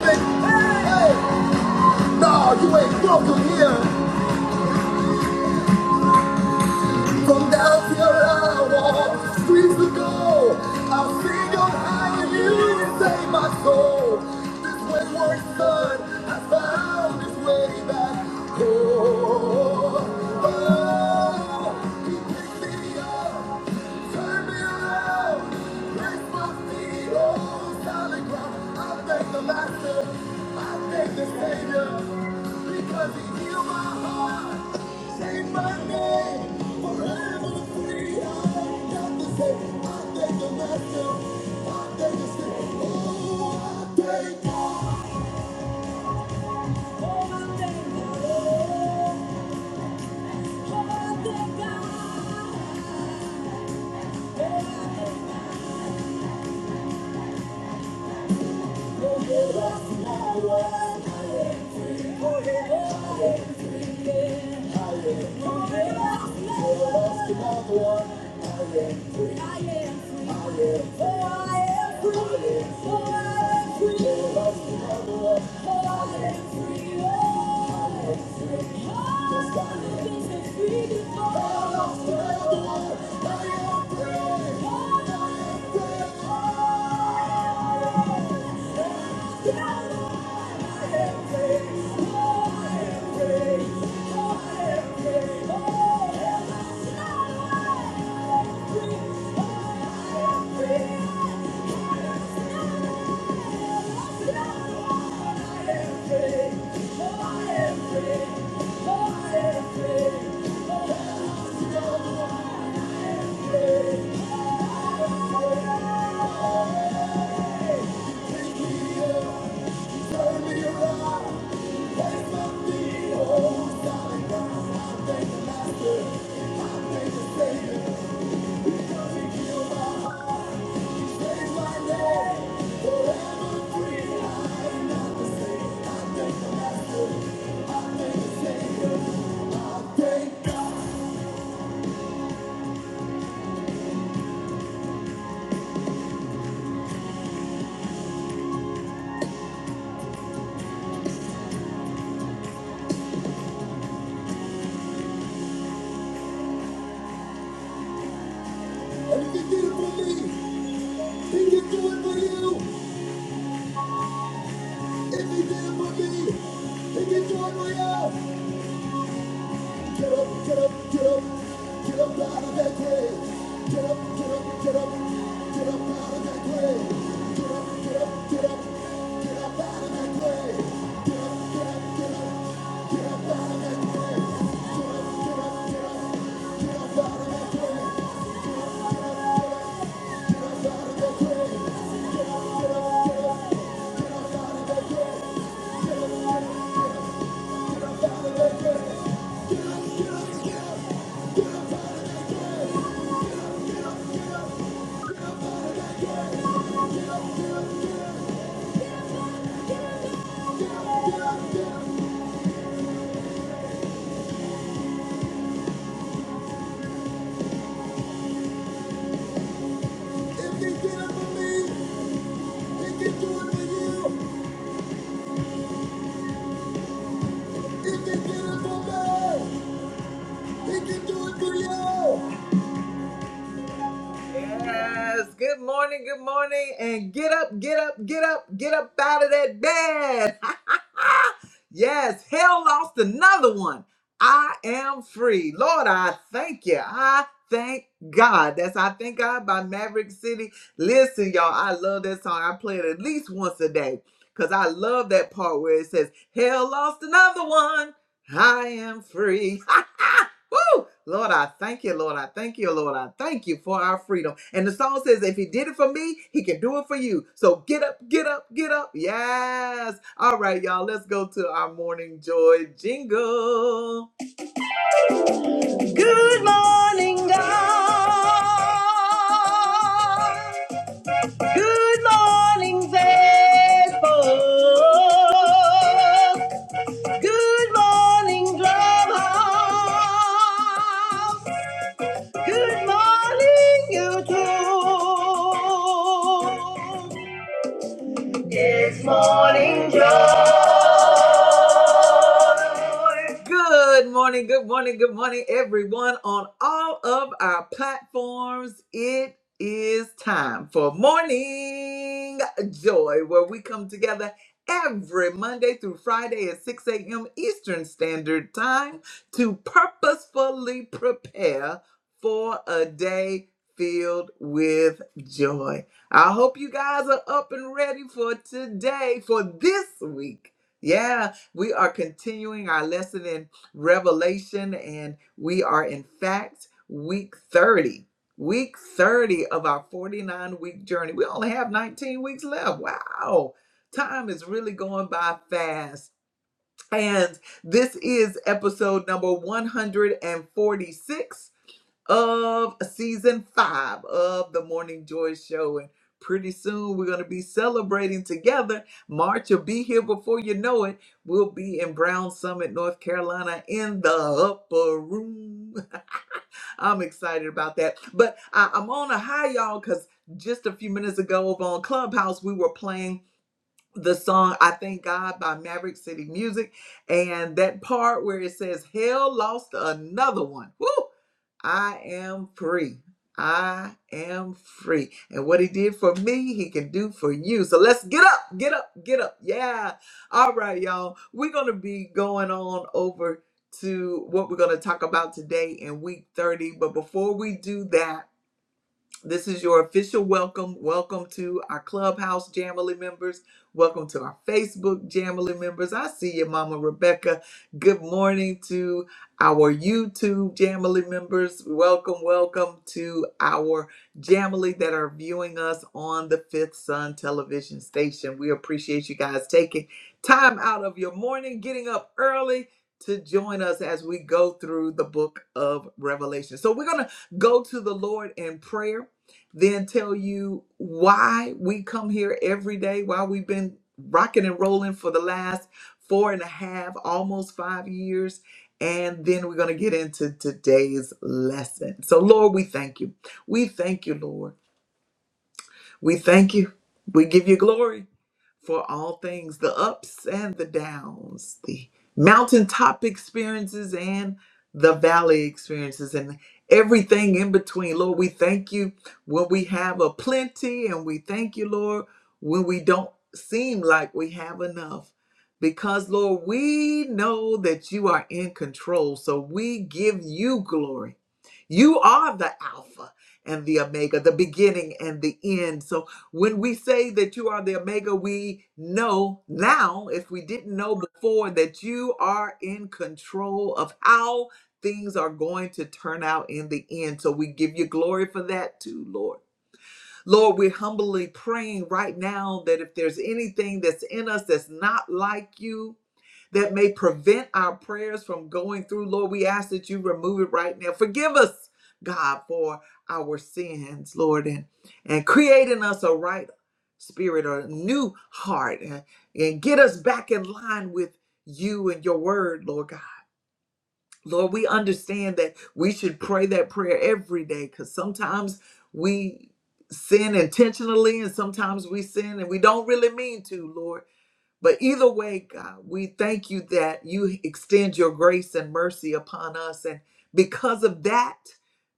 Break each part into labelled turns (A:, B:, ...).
A: No, you ain't welcome here. From down here I walk streets to go. I'll sing your high and you and save my soul. This wayward son I found his way back home. Oh, he picked me up, turned me around. Thank you. Free before I was free. I am free. I I I am am free. free. Oh, Oh, Oh, I am free. Get up, get up, get up, get up out of that grave. Get up, get up. If he did it for me, He can do it for you. He can do it for me. He can do it for you. Yes. Good morning. Good morning. And get up, get up, get up, get up out of that bed. yes. Hell lost another one. I am free. Lord, I thank you. I thank God. That's I Thank God by Maverick City. Listen, y'all, I love that song. I play it at least once a day because I love that part where it says, Hell lost another one. I am free. Woo! Lord, I thank you, Lord. I thank you, Lord. I thank you for our freedom. And the song says, if he did it for me, he can do it for you. So get up, get up, get up. Yes. All right, y'all. Let's go to our morning joy jingle. Good morning, God. Good morning, Facebook. Good morning, clubhouse. Good morning, YouTube. Good morning, good morning, good morning, everyone on all of our platforms. It is time for Morning Joy, where we come together every Monday through Friday at 6 a.m. Eastern Standard Time to purposefully prepare for a day filled with joy. I hope you guys are up and ready for today, for this week. Yeah. We are continuing our lesson in Revelation, and we are in fact week 30. Week 30 of our 49 week journey. We only have 19 weeks left. Wow. Time is really going by fast. And this is episode number 146 of season five of the Morning Joy Show. And pretty soon we're going to be celebrating together. March will be here before you know it. We'll be in Brown Summit, North Carolina, in the upper room. I'm excited about that. But I, I'm on a high, y'all, because just a few minutes ago over on Clubhouse, we were playing the song I Thank God by Maverick City Music. And that part where it says, Hell lost another one. Woo! I am free. I am free. And what he did for me, he can do for you. So let's get up, get up, get up. Yeah. All right, y'all. We're going to be going on over to what we're going to talk about today in week 30. But before we do that, this is your official welcome. Welcome to our Clubhouse Jamily members. Welcome to our Facebook Jamily members. I see you, Mama Rebecca. Good morning to our YouTube Jamily members. Welcome, welcome to our Jamily that are viewing us on the Fifth Sun television station. We appreciate you guys taking time out of your morning, getting up early to join us as we go through the book of Revelation. So we're going to go to the Lord in prayer then tell you why we come here every day, why we've been rocking and rolling for the last four and a half, almost five years. And then we're going to get into today's lesson. So, Lord, we thank you. We thank you, Lord. We thank you. We give you glory for all things the ups and the downs, the mountaintop experiences and the valley experiences, and everything in between. Lord, we thank you when we have a plenty, and we thank you, Lord, when we don't seem like we have enough. Because, Lord, we know that you are in control, so we give you glory. You are the Alpha and the Omega, the beginning and the end. So, when we say that you are the Omega, we know now, if we didn't know before, that you are in control of how things are going to turn out in the end. So we give you glory for that too, Lord. Lord, we're humbly praying right now that if there's anything that's in us that's not like you, that may prevent our prayers from going through. Lord, we ask that you remove it right now. Forgive us, God, for our sins, Lord, and, and create in us a right spirit or a new heart and, and get us back in line with you and your word, Lord God. Lord, we understand that we should pray that prayer every day because sometimes we sin intentionally and sometimes we sin and we don't really mean to, Lord. But either way, God, we thank you that you extend your grace and mercy upon us. And because of that,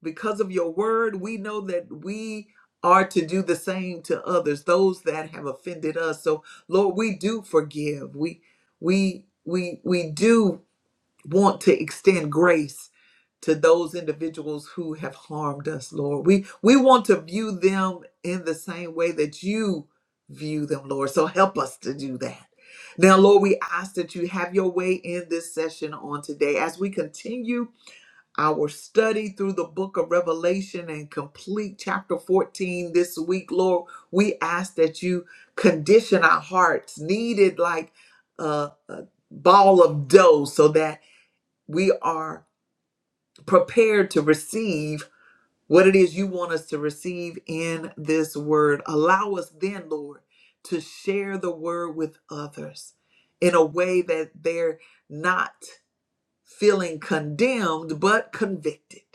A: because of your word, we know that we are to do the same to others, those that have offended us. So Lord, we do forgive. We we we we do want to extend grace to those individuals who have harmed us, Lord. We we want to view them in the same way that you view them, Lord. So help us to do that. Now, Lord, we ask that you have your way in this session on today as we continue our study through the book of Revelation and complete chapter 14 this week, Lord. We ask that you condition our hearts, needed like a, a ball of dough, so that we are prepared to receive what it is you want us to receive in this word. Allow us then, Lord, to share the word with others in a way that they're not feeling condemned, but convicted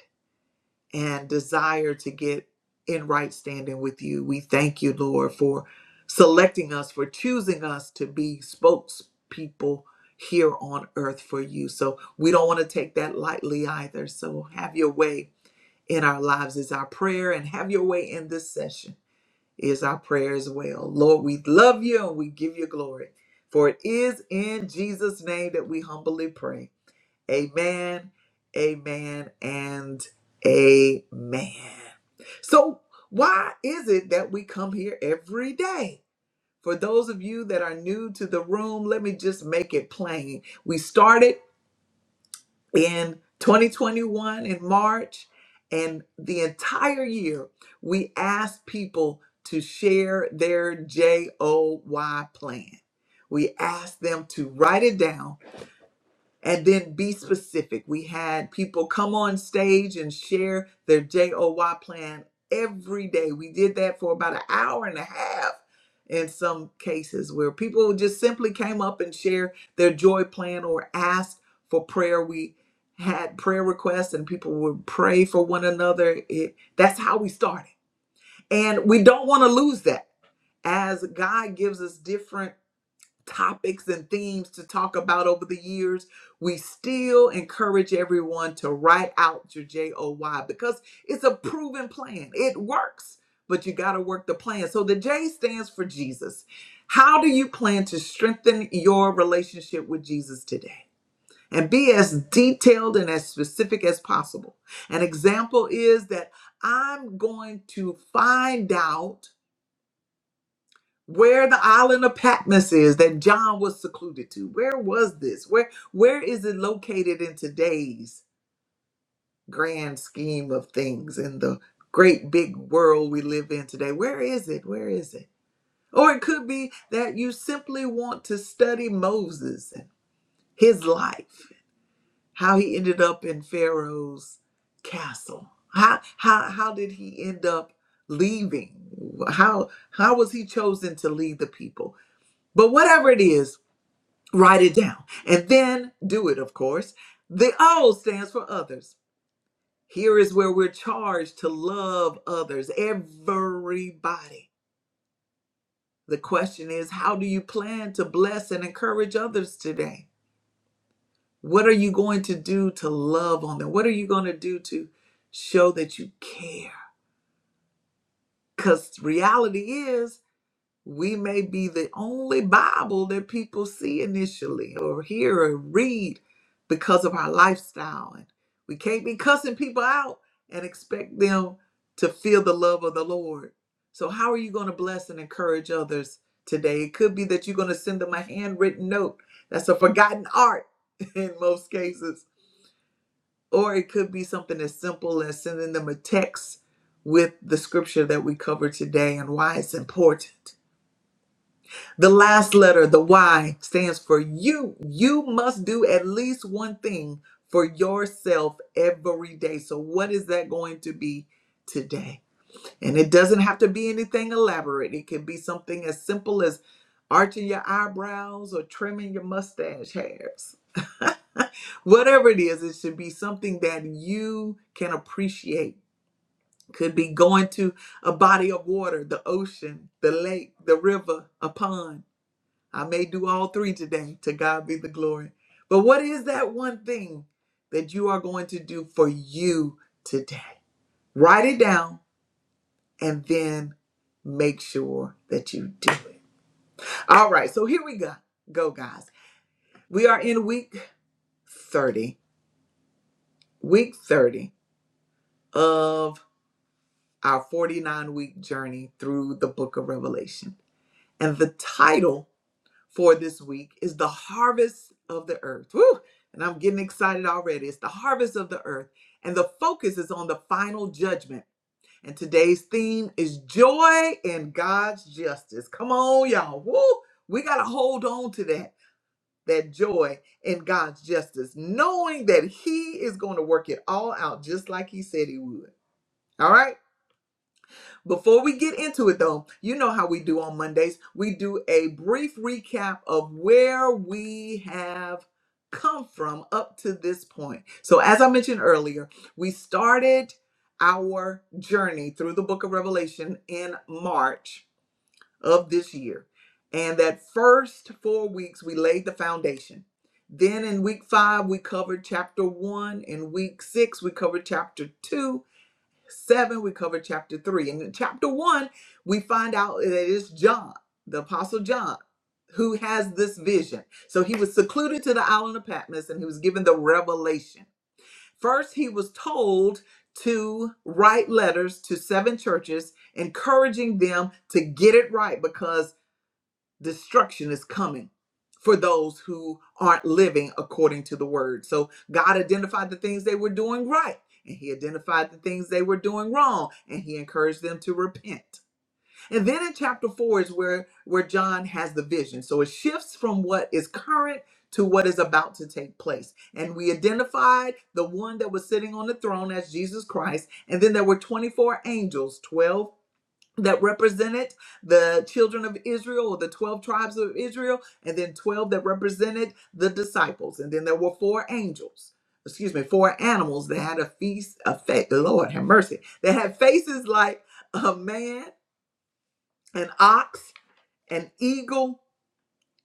A: and desire to get in right standing with you. We thank you, Lord, for selecting us, for choosing us to be spokespeople here on earth for you. So we don't want to take that lightly either. So have your way in our lives is our prayer, and have your way in this session is our prayer as well. Lord, we love you and we give you glory. For it is in Jesus' name that we humbly pray. Amen, amen, and amen. So, why is it that we come here every day? For those of you that are new to the room, let me just make it plain. We started in 2021 in March, and the entire year we asked people to share their JOY plan. We asked them to write it down and then be specific. We had people come on stage and share their JOY plan every day. We did that for about an hour and a half in some cases where people just simply came up and shared their joy plan or asked for prayer. We had prayer requests and people would pray for one another. It, that's how we started. And we don't want to lose that as God gives us different topics and themes to talk about over the years, we still encourage everyone to write out your JOY because it's a proven plan. It works, but you got to work the plan. So the J stands for Jesus. How do you plan to strengthen your relationship with Jesus today? And be as detailed and as specific as possible. An example is that I'm going to find out where the island of patmos is that john was secluded to where was this where where is it located in today's grand scheme of things in the great big world we live in today where is it where is it or it could be that you simply want to study moses and his life how he ended up in pharaoh's castle how how, how did he end up leaving how how was he chosen to lead the people but whatever it is Write it down and then do it, of course. The O stands for others. Here is where we're charged to love others, everybody. The question is, how do you plan to bless and encourage others today? What are you going to do to love on them? What are you going to do to show that you care? Because reality is, We may be the only Bible that people see initially or hear or read because of our lifestyle. And we can't be cussing people out and expect them to feel the love of the Lord. So, how are you going to bless and encourage others today? It could be that you're going to send them a handwritten note. That's a forgotten art in most cases. Or it could be something as simple as sending them a text with the scripture that we covered today and why it's important the last letter, the Y, stands for you. You must do at least one thing for yourself every day. So, what is that going to be today? And it doesn't have to be anything elaborate, it can be something as simple as arching your eyebrows or trimming your mustache hairs. Whatever it is, it should be something that you can appreciate. Could be going to a body of water, the ocean, the lake, the river, a pond I may do all three today. To God be the glory. But what is that one thing that you are going to do for you today? Write it down and then make sure that you do it. All right, so here we go. Go, guys. We are in week 30, week 30 of our 49 week journey through the book of Revelation. And the title for this week is the harvest of the earth. Woo! And I'm getting excited already. It's the harvest of the earth. And the focus is on the final judgment. And today's theme is joy in God's justice. Come on, y'all. Woo! We got to hold on to that, that joy in God's justice, knowing that He is going to work it all out just like He said He would. All right? Before we get into it, though, you know how we do on Mondays. We do a brief recap of where we have come from up to this point. So, as I mentioned earlier, we started our journey through the book of Revelation in March of this year. And that first four weeks, we laid the foundation. Then in week five, we covered chapter one. In week six, we covered chapter two. 7, we covered chapter 3. And in chapter 1, we find out that it's John, the Apostle John, who has this vision. So he was secluded to the island of Patmos and he was given the revelation. First, he was told to write letters to seven churches, encouraging them to get it right because destruction is coming for those who aren't living according to the word. So God identified the things they were doing right, and He identified the things they were doing wrong, and He encouraged them to repent. And then in chapter four is where where John has the vision. So it shifts from what is current to what is about to take place. And we identified the one that was sitting on the throne as Jesus Christ. And then there were 24 angels, 12 that represented the children of Israel or the 12 tribes of Israel, and then 12 that represented the disciples. And then there were four angels, excuse me, four animals that had a feast, a face, Lord have mercy, that had faces like a man, an ox, an eagle,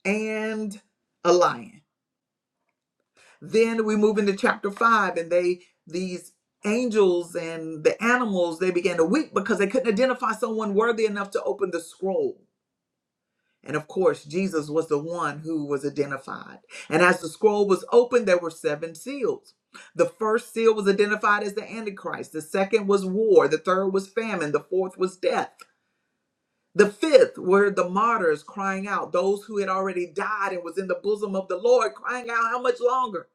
A: and a lion. Then we move into chapter five, and they, these angels and the animals, they began to weep because they couldn't identify someone worthy enough to open the scroll And of course, Jesus was the one who was identified. And as the scroll was opened, there were seven seals. The first seal was identified as the Antichrist, the second was war, the third was famine, the fourth was death. The fifth were the martyrs crying out, those who had already died and was in the bosom of the Lord crying out, How much longer?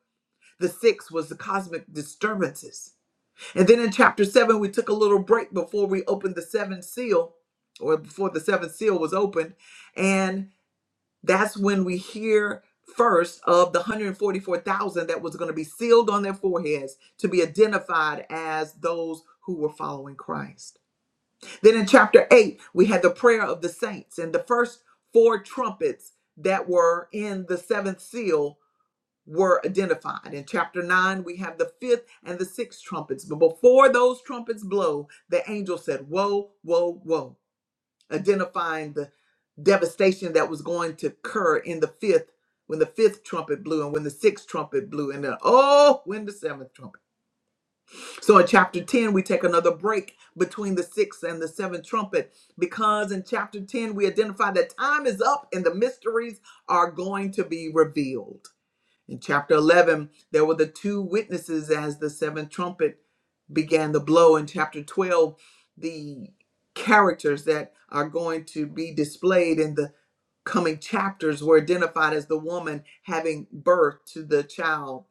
A: The sixth was the cosmic disturbances. And then in chapter seven, we took a little break before we opened the seventh seal, or before the seventh seal was opened. and. That's when we hear first of the 144,000 that was going to be sealed on their foreheads to be identified as those who were following Christ. Then in chapter 8, we had the prayer of the saints, and the first four trumpets that were in the seventh seal were identified. In chapter 9, we have the fifth and the sixth trumpets. But before those trumpets blow, the angel said, Woe, woe, woe identifying the devastation that was going to occur in the fifth when the fifth trumpet blew and when the sixth trumpet blew and then oh when the seventh trumpet so in chapter 10 we take another break between the sixth and the seventh trumpet because in chapter 10 we identify that time is up and the mysteries are going to be revealed in chapter 11, there were the two witnesses as the seventh trumpet began to blow. In chapter 12, the characters that are going to be displayed in the coming chapters were identified as the woman having birth to the child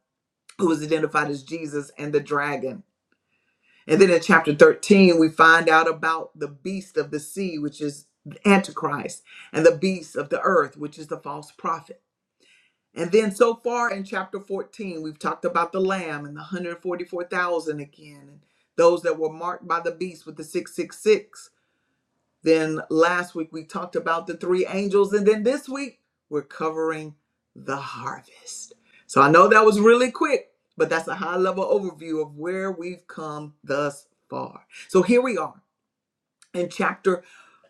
A: who is identified as Jesus and the dragon. And then in chapter 13, we find out about the beast of the sea, which is Antichrist, and the beast of the earth, which is the false prophet. And then so far in chapter 14, we've talked about the lamb and the 144,000 again, and those that were marked by the beast with the 666. Then last week we talked about the three angels, and then this week we're covering the harvest. So I know that was really quick, but that's a high level overview of where we've come thus far. So here we are in chapter,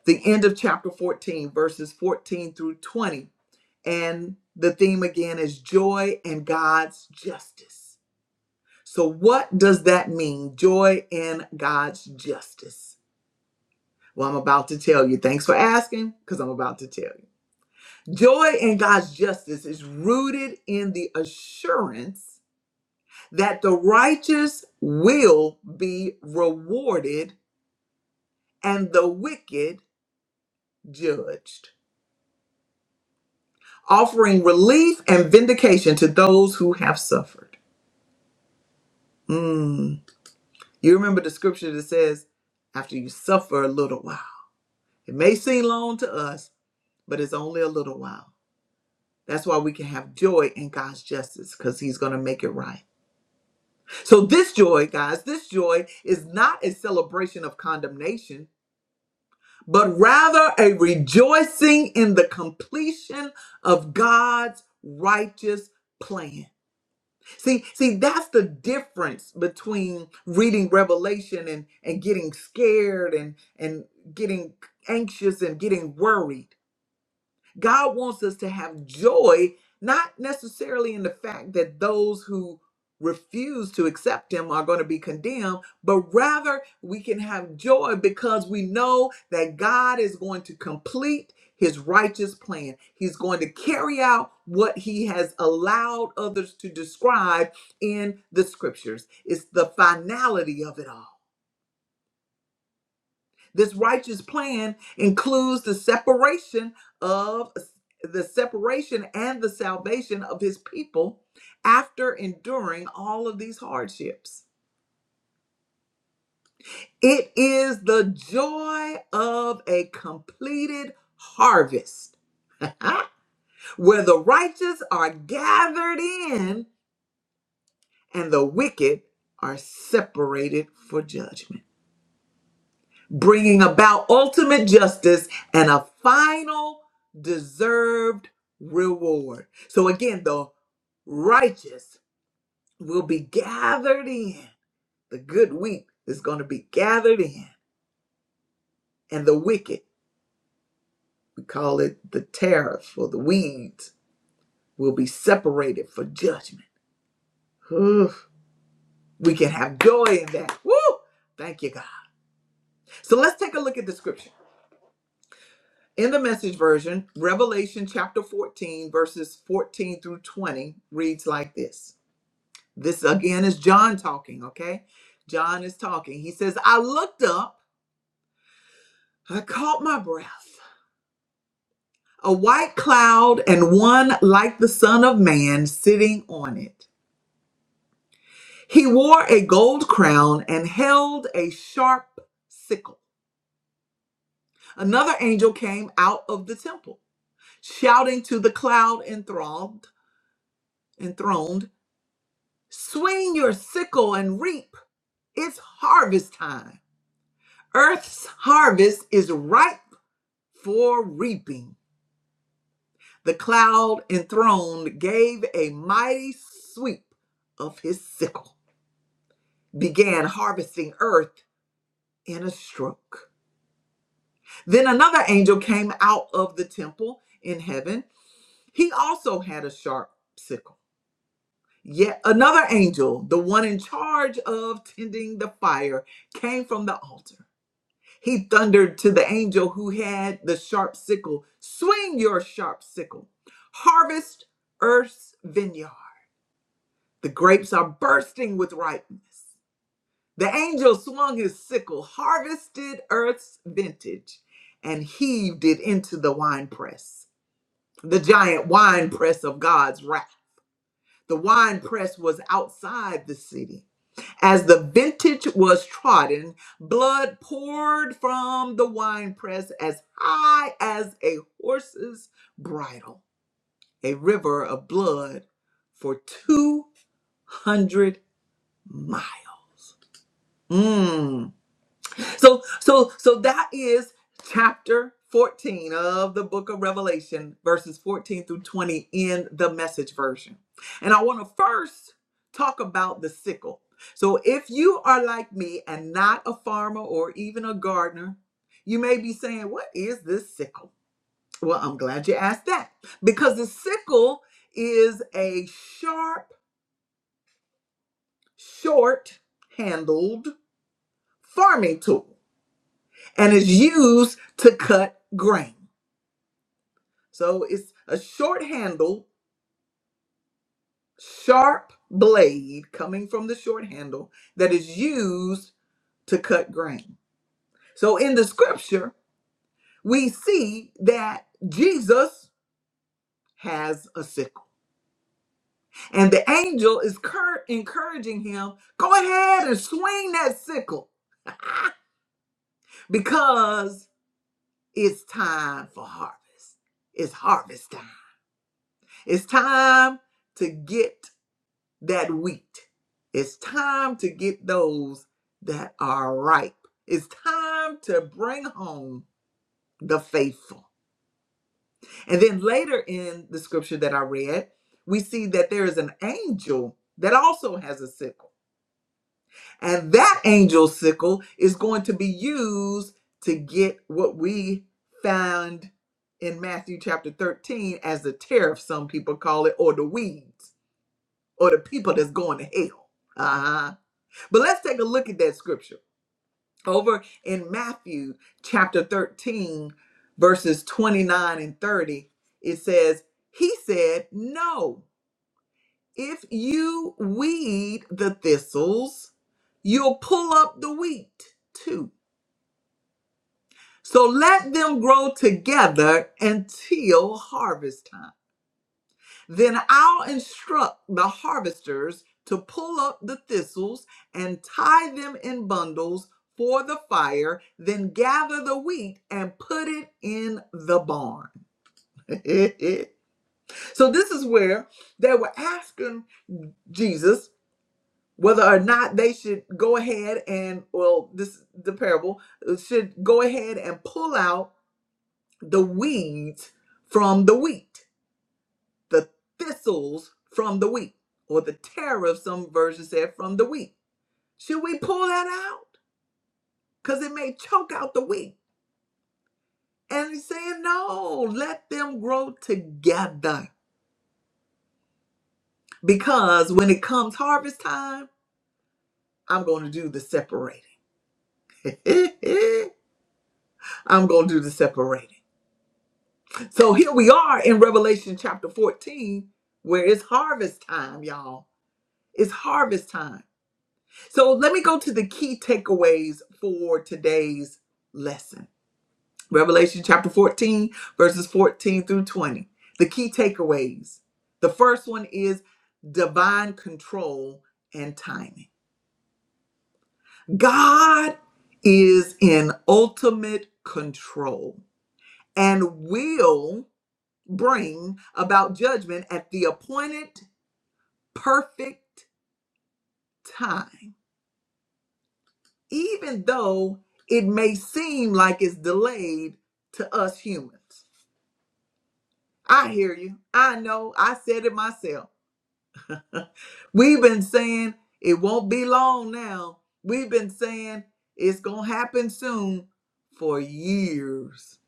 A: the end of chapter 14, verses 14 through 20 and the theme again is joy and God's justice. So, what does that mean? Joy in God's justice. Well, I'm about to tell you. Thanks for asking, because I'm about to tell you. Joy in God's justice is rooted in the assurance that the righteous will be rewarded and the wicked judged, offering relief and vindication to those who have suffered. Mm. You remember the scripture that says, after you suffer a little while. It may seem long to us, but it's only a little while. That's why we can have joy in God's justice because He's going to make it right. So, this joy, guys, this joy is not a celebration of condemnation, but rather a rejoicing in the completion of God's righteous plan. See, see, that's the difference between reading Revelation and and getting scared and and getting anxious and getting worried God wants us to have joy, not necessarily in the fact that those who refuse to accept Him are going to be condemned, but rather we can have joy because we know that God is going to complete His righteous plan. He's going to carry out what He has allowed others to describe in the scriptures. It's the finality of it all. This righteous plan includes the separation of the separation and the salvation of his people after enduring all of these hardships. It is the joy of a completed harvest where the righteous are gathered in and the wicked are separated for judgment. bringing about ultimate justice and a final deserved reward. So, again, the righteous will be gathered in. The good wheat is going to be gathered in, and the wicked, we call it the tariffs or the weeds, will be separated for judgment. Whew. We can have joy in that. Woo! Thank you, God. So let's take a look at the scripture. In the message version, Revelation chapter 14, verses 14 through 20 reads like this. This again is John talking, okay? John is talking. He says, I looked up, I caught my breath, a white cloud, and one like the Son of Man sitting on it. He wore a gold crown and held a sharp sickle. Another angel came out of the temple, shouting to the cloud enthralled, enthroned. Swing your sickle and reap. It's harvest time. Earth's harvest is ripe for reaping. The cloud enthroned gave a mighty sweep of his sickle, began harvesting earth in a stroke. Then another angel came out of the temple in heaven. He also had a sharp sickle. Yet another angel, the one in charge of tending the fire, came from the altar. He thundered to the angel who had the sharp sickle Swing your sharp sickle, harvest earth's vineyard. The grapes are bursting with ripeness. The angel swung his sickle, harvested earth's vintage, and heaved it into the winepress, the giant winepress of God's wrath. The winepress was outside the city. As the vintage was trodden, blood poured from the winepress as high as a horse's bridle, a river of blood for 200 miles. Mm. So so so that is chapter 14 of the book of Revelation verses 14 through 20 in the message version. And I want to first talk about the sickle. So if you are like me and not a farmer or even a gardener, you may be saying, "What is this sickle?" Well, I'm glad you asked that because the sickle is a sharp, short-handled farming tool and is used to cut grain. So it's a short handle, sharp blade coming from the short handle that is used to cut grain. So in the scripture, we see that Jesus has a sickle. And the angel is cur- encouraging him, go ahead and swing that sickle because it's time for harvest. It's harvest time. It's time to get that wheat. It's time to get those that are ripe. It's time to bring home the faithful. And then later in the scripture that I read, we see that there is an angel that also has a sickle. And that angel sickle is going to be used to get what we found in Matthew chapter 13 as the tariff, some people call it, or the weeds, or the people that's going to hell. Uh-huh But let's take a look at that scripture over in Matthew chapter 13, verses 29 and 30. It says, He said, No, if you weed the thistles, you'll pull up the wheat too. So let them grow together until harvest time. Then I'll instruct the harvesters to pull up the thistles and tie them in bundles for the fire, then gather the wheat and put it in the barn. so, this is where they were asking Jesus whether or not they should go ahead and, well, this the parable, uh, should go ahead and pull out the weeds from the wheat. the thistles from the wheat, or the tariff, some versions said, from the wheat. Should we pull that out? Because it may choke out the wheat. And he's saying, no, let them grow together. Because when it comes harvest time, I'm going to do the separating. I'm going to do the separating. So here we are in Revelation chapter 14, where it's harvest time, y'all. It's harvest time. So let me go to the key takeaways for today's lesson. Revelation chapter 14, verses 14 through 20. The key takeaways. The first one is divine control and timing. God is in ultimate control and will bring about judgment at the appointed perfect time. even though it may seem like it's delayed to us humans. I hear you. I know. I said it myself. We've been saying it won't be long now. We've been saying it's going to happen soon for years.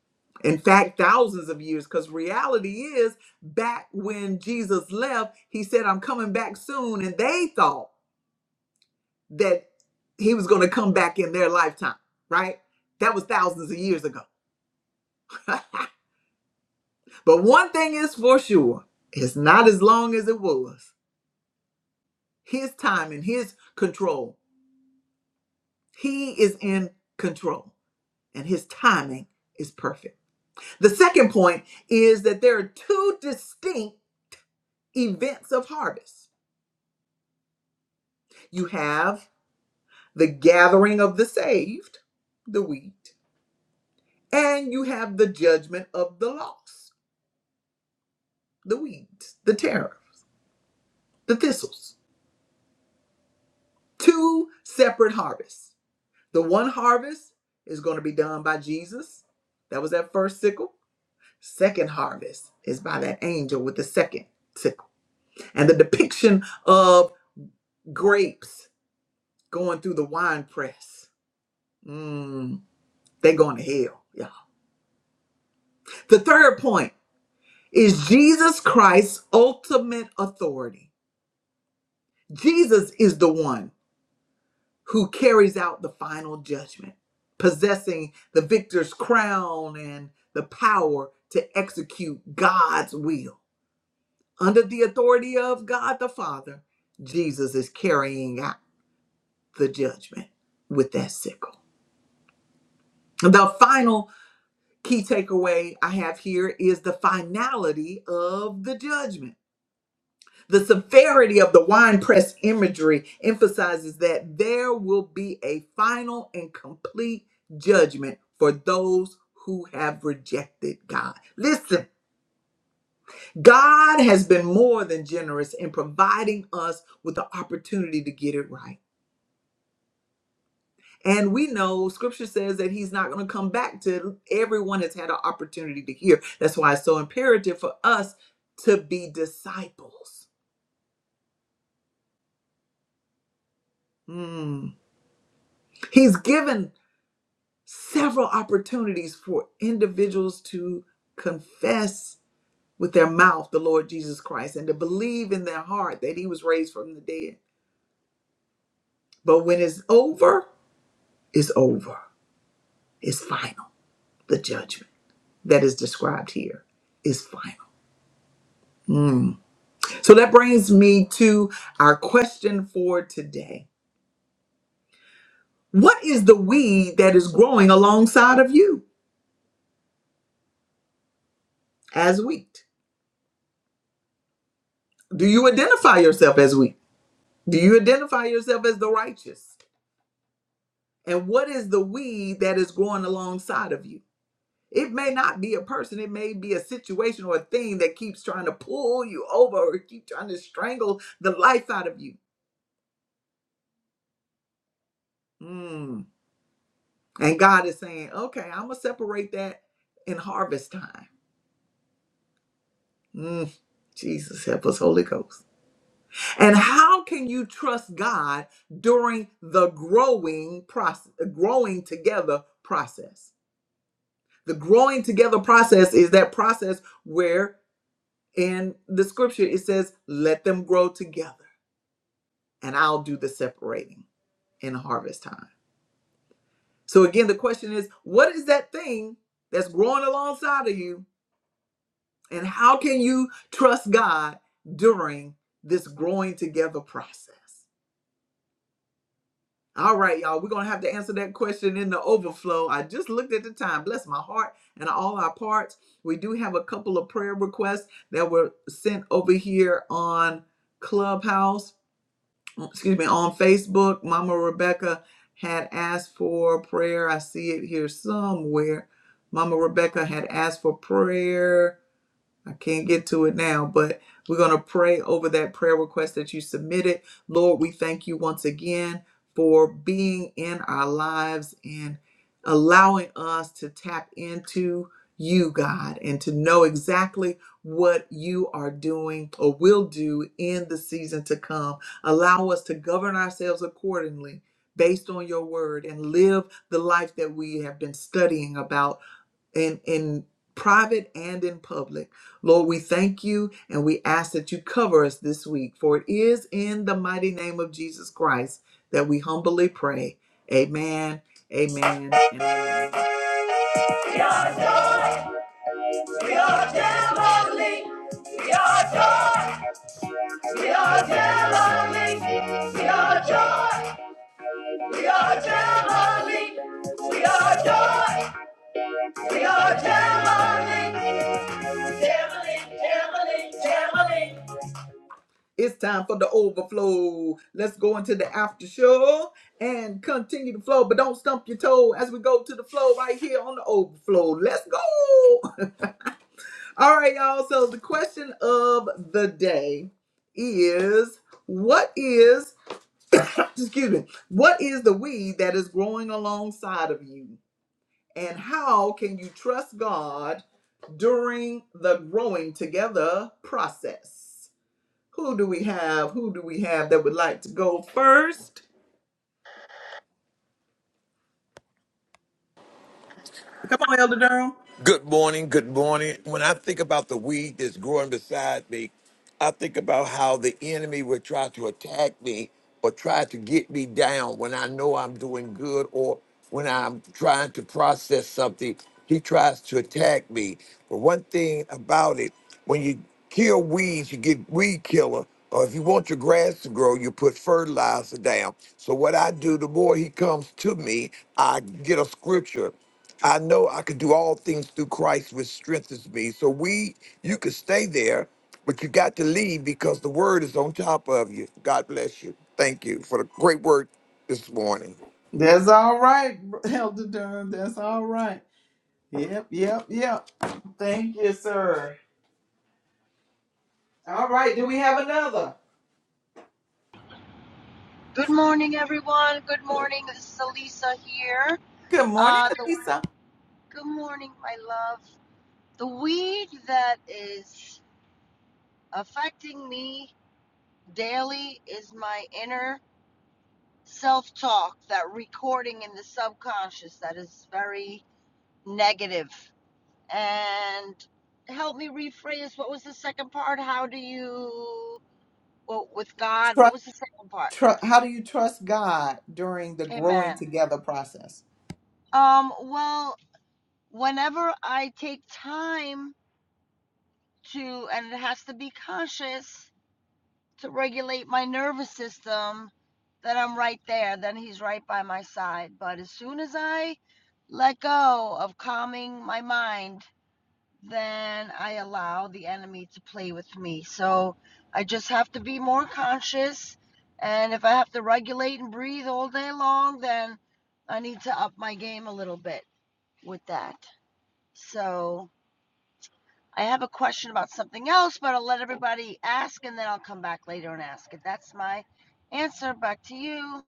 A: In fact, thousands of years, because reality is back when Jesus left, he said, I'm coming back soon. And they thought, that he was going to come back in their lifetime, right? That was thousands of years ago. but one thing is for sure it's not as long as it was. His time and his control. He is in control, and his timing is perfect. The second point is that there are two distinct events of harvest you have the gathering of the saved, the wheat, and you have the judgment of the lost the weeds, the tariffs, the thistles. Two separate harvests. The one harvest is going to be done by Jesus. That was that first sickle. Second harvest is by that angel with the second sickle. And the depiction of grapes going through the wine press. Mm, they're going to hell. Yeah. The third point is Jesus Christ's ultimate authority. Jesus is the one. who carries out the final judgment, possessing the victor's crown and the power to execute God's will. Under the authority of God the Father, Jesus is carrying out the judgment with that sickle. The final key takeaway I have here is the finality of the judgment. The severity of the winepress imagery emphasizes that there will be a final and complete judgment for those who have rejected God. Listen, God has been more than generous in providing us with the opportunity to get it right. And we know scripture says that he's not going to come back till everyone has had an opportunity to hear. That's why it's so imperative for us to be disciples. Mm. He's given several opportunities for individuals to confess with their mouth the Lord Jesus Christ and to believe in their heart that he was raised from the dead. But when it's over, it's over. It's final. The judgment that is described here is final. So that brings me to our question for today. What is the weed that is growing alongside of you as wheat? Do you identify yourself as wheat? Do you identify yourself as the righteous? And what is the weed that is growing alongside of you? It may not be a person, it may be a situation or a thing that keeps trying to pull you over or keep trying to strangle the life out of you. Mm. And God is saying, okay, I'm going to separate that in harvest time. Mm. Jesus, help us, Holy Ghost. And how can you trust God during the growing process, growing together process? The growing together process is that process where in the scripture it says let them grow together and i'll do the separating in harvest time so again the question is what is that thing that's growing alongside of you and how can you trust god during this growing together process all right y'all we're gonna have to answer that question in the overflow i just looked at the time bless my heart and all our parts we do have a couple of prayer requests that were sent over here on clubhouse excuse me, on Facebook, Mama Rebecca had asked for prayer. I see it here somewhere. Mama Rebecca had asked for prayer I can't get to it now, but we're going to pray over that prayer request that you submitted. Lord, we thank you once again for being in our lives and allowing us to tap into you, God, and to know exactly what you are doing or will do in the season to come. Allow us to govern ourselves accordingly based on your word and live the life that we have been studying about in in private and in public. Lord, we thank you and we ask that you cover us this week, for it is in the mighty name of Jesus Christ that we humbly pray. Amen. Amen. And amen. We are joy. We are heavenly. We are joy. We are heavenly. We are joy. We are heavenly. We are joy. We are heavenly. It's time for the overflow. Let's go into the after show and continue the flow, but don't stump your toe as we go to the flow right here on the overflow. Let's go. All right, y'all. So the question of the day is what is excuse me, what is the weed that is growing alongside of you? And how can you trust God during the growing together process? Who do we have? Who do we have that would like to go first? Come on, Elder Durham.
B: Good morning. Good morning. When I think about the weed that's growing beside me, I think about how the enemy would try to attack me or try to get me down when I know I'm doing good or when I'm trying to process something. He tries to attack me. But one thing about it, when you kill weeds, you get weed killer. Or if you want your grass to grow, you put fertilizer down. So what I do, the more he comes to me, I get a scripture I know I can do all things through Christ, which strengthens me. So we, you could stay there, but you got to leave because the word is on top of you. God bless you. Thank you for the great word this morning.
A: That's all right, Elder Durham. That's all right. Yep, yep, yep. Thank you, sir. All right, do we have another?
C: Good morning, everyone. Good morning. This is Elisa here.
A: Good morning,
C: Uh, the
A: Lisa.
C: good morning, my love. The weed that is affecting me daily is my inner self-talk, that recording in the subconscious that is very negative. And help me rephrase. What was the second part? How do you? Well, with God, what
A: Trust,
C: was the second part?
A: tr- how do you trust God during the growing
C: Amen.
A: together process?
C: Um. Well, whenever I take time to and it has to be conscious to regulate my nervous system that I'm right there, then he's right by my side. But as soon as I let go of calming my mind, then I allow the enemy to play with me. So I just have to be more conscious. And if I have to regulate and breathe all day long, then I need to up my game a little bit with that. So I have a question about something else, but I'll let everybody ask and then I'll come back later and ask it. That's my answer. Back to you.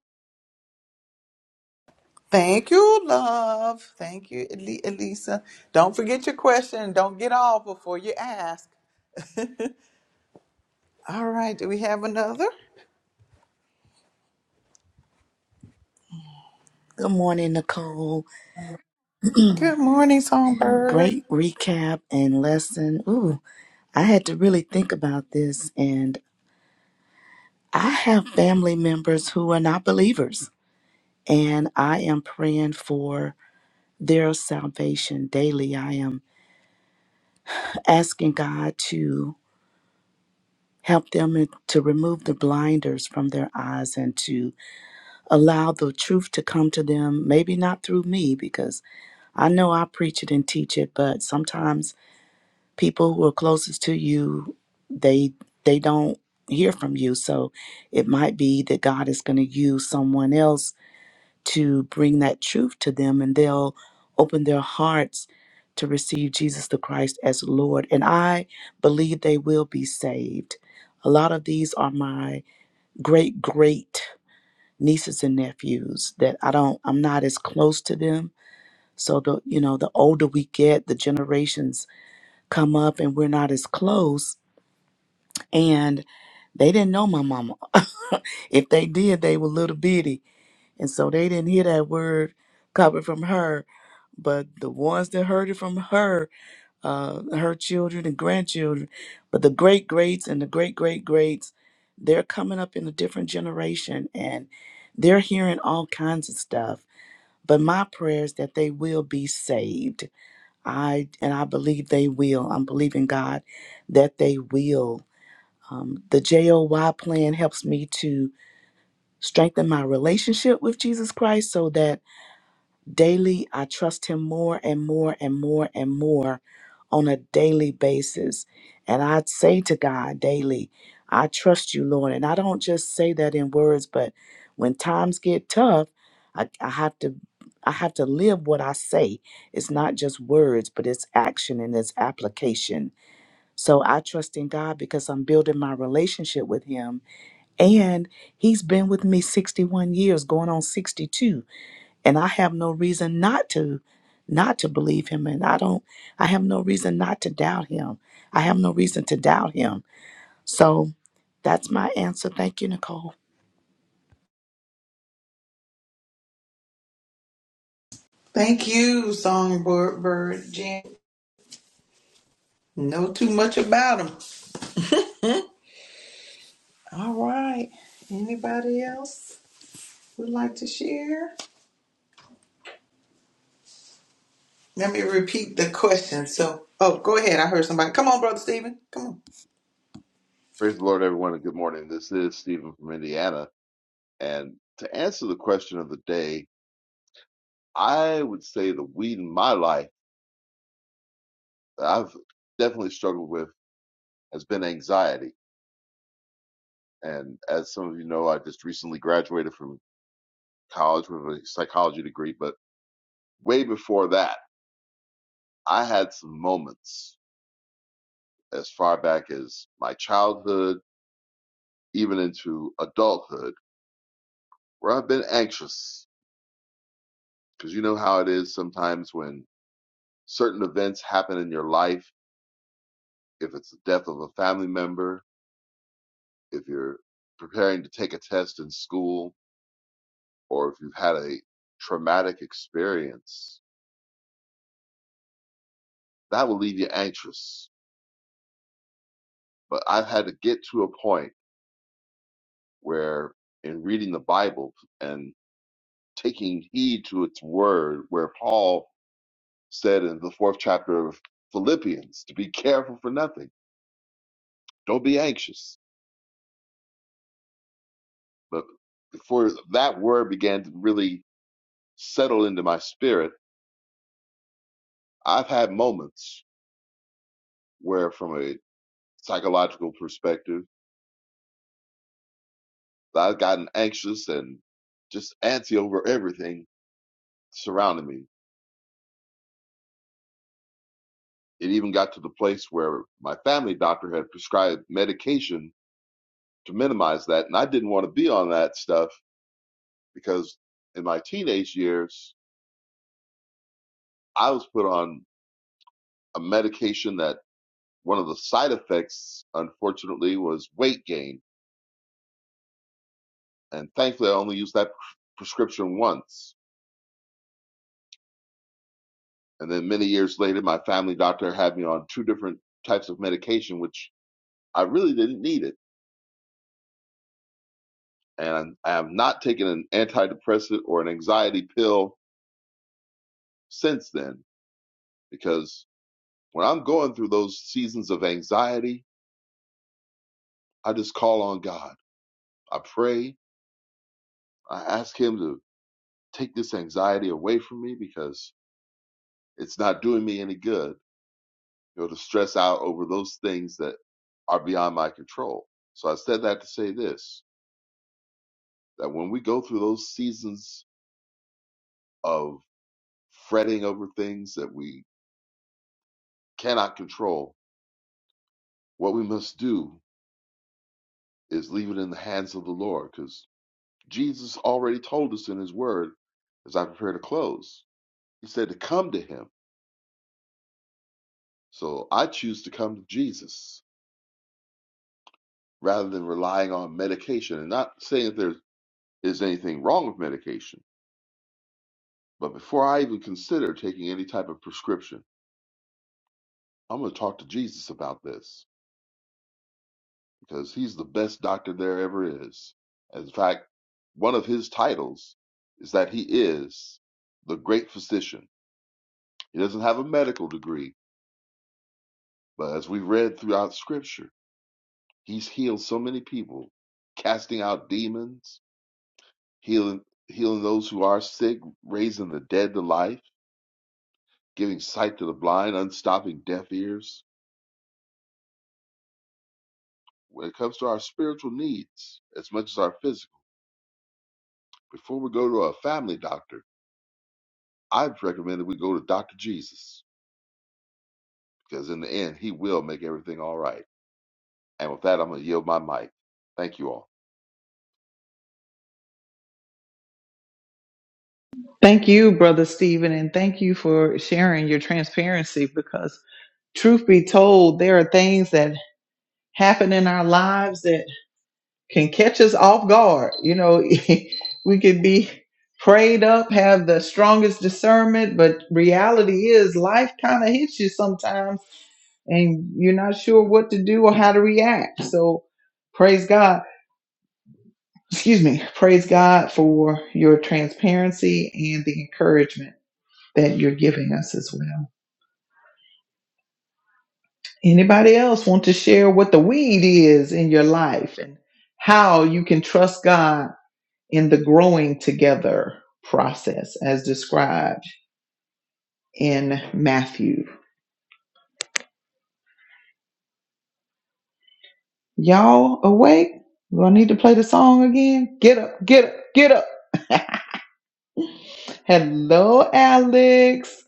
A: Thank you, love. Thank you, Eli- Elisa. Don't forget your question. Don't get off before you ask. All right, do we have another?
D: Good morning, Nicole.
A: Good morning, Songbird.
D: Great recap and lesson. Ooh, I had to really think about this. And I have family members who are not believers, and I am praying for their salvation daily. I am asking God to help them to remove the blinders from their eyes and to allow the truth to come to them, maybe not through me, because I know I preach it and teach it, but sometimes people who are closest to you they they don't hear from you so it might be that god is going to use someone else to bring that truth to them and they'll open their hearts to receive jesus the christ as lord and i believe they will be saved a lot of these are my great great nieces and nephews that i don't i'm not as close to them so the you know the older we get the generations come up and we're not as close and they didn't know my mama. if they did, they were little bitty, and so they didn't hear that word coming from her. But the ones that heard it from her, uh, her children and grandchildren, but the great greats and the great great greats, they're coming up in a different generation, and they're hearing all kinds of stuff. But my prayer is that they will be saved. I and I believe they will. I'm believing God that they will um, the JOY plan helps me to strengthen my relationship with Jesus Christ so that daily I trust Him more and more and more and more on a daily basis. And I say to God daily, I trust you, Lord. And I don't just say that in words, but when times get tough, I, I have to. I have to live what I say. It's not just words, but it's action and it's application. So I trust in God because I'm building my relationship with Him and he's been with me 61 years, going on 62, and I have no reason not to not to believe him and I don't I have no reason not to doubt him. I have no reason to doubt him. So that's my answer. Thank you, Nicole.
A: Thank you, Songbird Bird Jen. Know too much about them. All right. Anybody else would like to share? Let me repeat the question. So, oh, go ahead. I heard somebody. Come on, Brother Stephen. Come on.
E: Praise the Lord, everyone, and good morning. This is Stephen from Indiana. And to answer the question of the day, I would say the weed in my life that I've definitely struggled with has been anxiety. And as some of you know, I just recently graduated from college with a psychology degree, but way before that, I had some moments as far back as my childhood, even into adulthood, where I've been anxious. Because you know how it is sometimes when certain events happen in your life, if it's the death of a family member, if you're preparing to take a test in school, or if you've had a traumatic experience, that will leave you anxious. But I've had to get to a point where, in reading the Bible and taking heed to its word, where Paul said in the fourth chapter of Philippians to be careful for nothing, don't be anxious. But before that word began to really settle into my spirit, I've had moments where, from a psychological perspective, I've gotten anxious and just antsy over everything surrounding me. It even got to the place where my family doctor had prescribed medication to minimize that, and I didn't want to be on that stuff because in my teenage years, I was put on a medication that one of the side effects, unfortunately, was weight gain. And thankfully, I only used that prescription once And then many years later, my family doctor had me on two different types of medication, which I really didn't need it. And I have not taken an antidepressant or an anxiety pill since then because when I'm going through those seasons of anxiety, I just call on God. I pray. I ask Him to take this anxiety away from me because it's not doing me any good, you know, to stress out over those things that are beyond my control. So I said that to say this that when we go through those seasons of fretting over things that we cannot control, what we must do is leave it in the hands of the Lord because Jesus already told us in his word, as I prepare to close, he said to come to him. So I choose to come to Jesus rather than relying on medication and not saying that there is anything wrong with medication. But before I even consider taking any type of prescription, I'm going to talk to Jesus about this because he's the best doctor there ever is. In fact, one of his titles is that he is the great physician. He doesn't have a medical degree, but as we read throughout scripture, he's healed so many people, casting out demons, healing healing those who are sick, raising the dead to life, giving sight to the blind, unstopping deaf ears. When it comes to our spiritual needs, as much as our physical, before we go to a family doctor, I'd recommend that we go to Dr. Jesus because in the end, He will make everything all right. And with that, I'm going to yield my mic. Thank you all.
A: Thank you, Brother Stephen, and thank you for sharing your transparency because truth be told, there are things that happen in our lives that can catch us off guard. You know, we could be prayed up, have the strongest discernment, but reality is life kind of hits you sometimes and you're not sure what to do or how to react. So, praise God. Excuse me. Praise God for your transparency and the encouragement that you're giving us as well. Anybody else want to share what the weed is in your life and how you can trust God in the growing together process as described in Matthew? Y'all awake? Do I need to play the song again? Get up, get up, get up. Hello, Alex,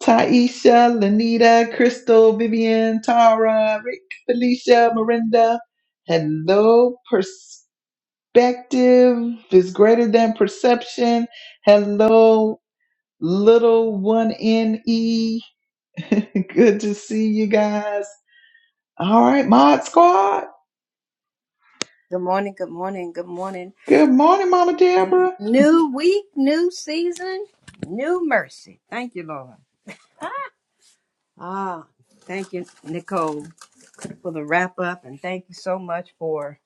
A: Taisha, Lanita, Crystal, Vivian, Tara, Rick, Felicia, Miranda. Hello, perspective is greater than perception. Hello, little one N E. Good to see you guys. All right, Mod Squad.
F: Good morning, good morning, good morning.
A: Good morning, Mama Deborah.
F: New week, new season, new mercy. Thank you, Lord. Ah, thank you, Nicole, for the wrap up, and thank you so much for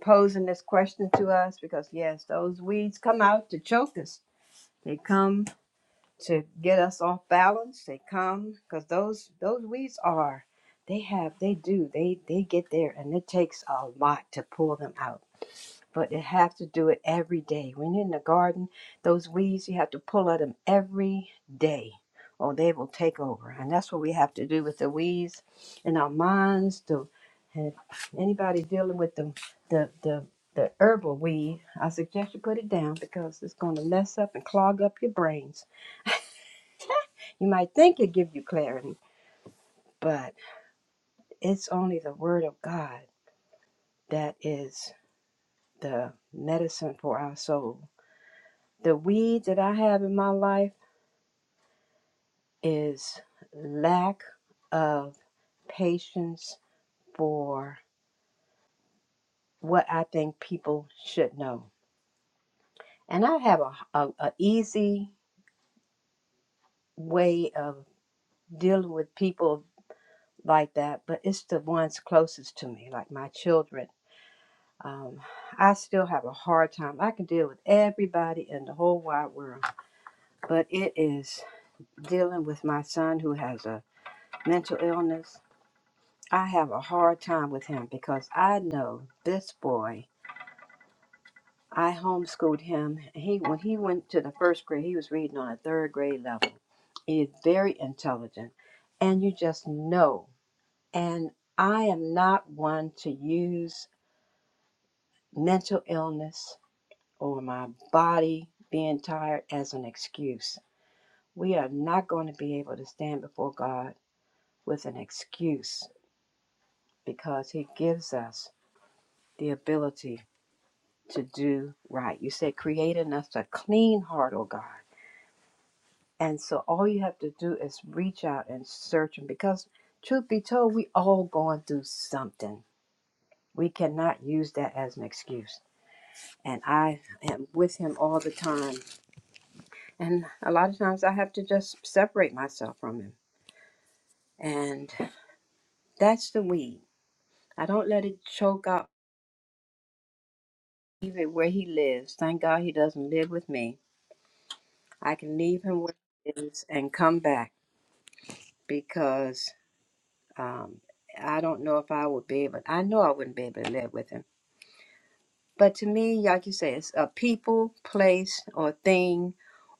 F: posing this question to us because, yes, those weeds come out to choke us. They come to get us off balance. They come because those those weeds are they have they do they they get there and it takes a lot to pull them out but you have to do it every day. When you're in the garden, those weeds, you have to pull at them every day or they will take over. And that's what we have to do with the weeds in our minds. The, and anybody dealing with the, the, the, the herbal weed, I suggest you put it down because it's going to mess up and clog up your brains. You might think it give you clarity, but it's only the word of God that is the medicine for our soul. The weeds that I have in my life, is lack of patience for what I think people should know. And I have a, a, a easy way of dealing with people like that, but it's the ones closest to me, like my children. Um, I still have a hard time. I can deal with everybody in the whole wide world, but it is dealing with my son who has a mental illness. I have a hard time with him because I know this boy I homeschooled him. He when he went to the first grade, he was reading on a third grade level. He is very intelligent, and you just know. And I am not one to use mental illness or my body being tired as an excuse. We are not going to be able to stand before God with an excuse because He gives us the ability to do right. You said, create in us a clean heart, O God And so all you have to do is reach out and search. And because, truth be told, we all going through something. We cannot use that as an excuse. And I am with him all the time. And a lot of times I have to just separate myself from him. And that's the weed. I don't let it choke out even where he lives. Thank God he doesn't live with me. I can leave him where he is and come back because um, I don't know if I would be able, I know I wouldn't be able to live with him But to me, like you say, it's a people, place, or thing,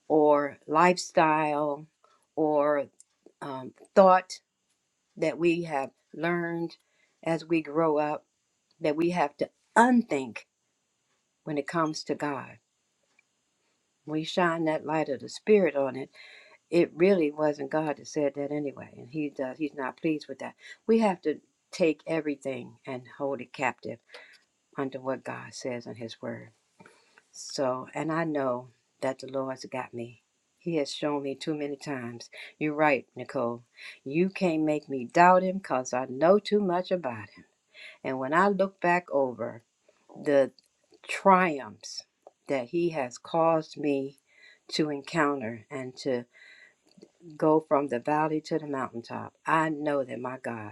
F: or lifestyle, or um, thought that we have learned as we grow up that we have to unthink when it comes to God. We shine that light of the Spirit on it. It really wasn't God that said that anyway, and He does. He's not pleased with that. We have to take everything and hold it captive under what God says in His Word. So, and I know that the Lord's got me. He has shown me too many times. You're right, Nicole. You can't make me doubt him because I know too much about him. And when I look back over the triumphs that he has caused me to encounter and to go from the valley to the mountaintop, I know that my God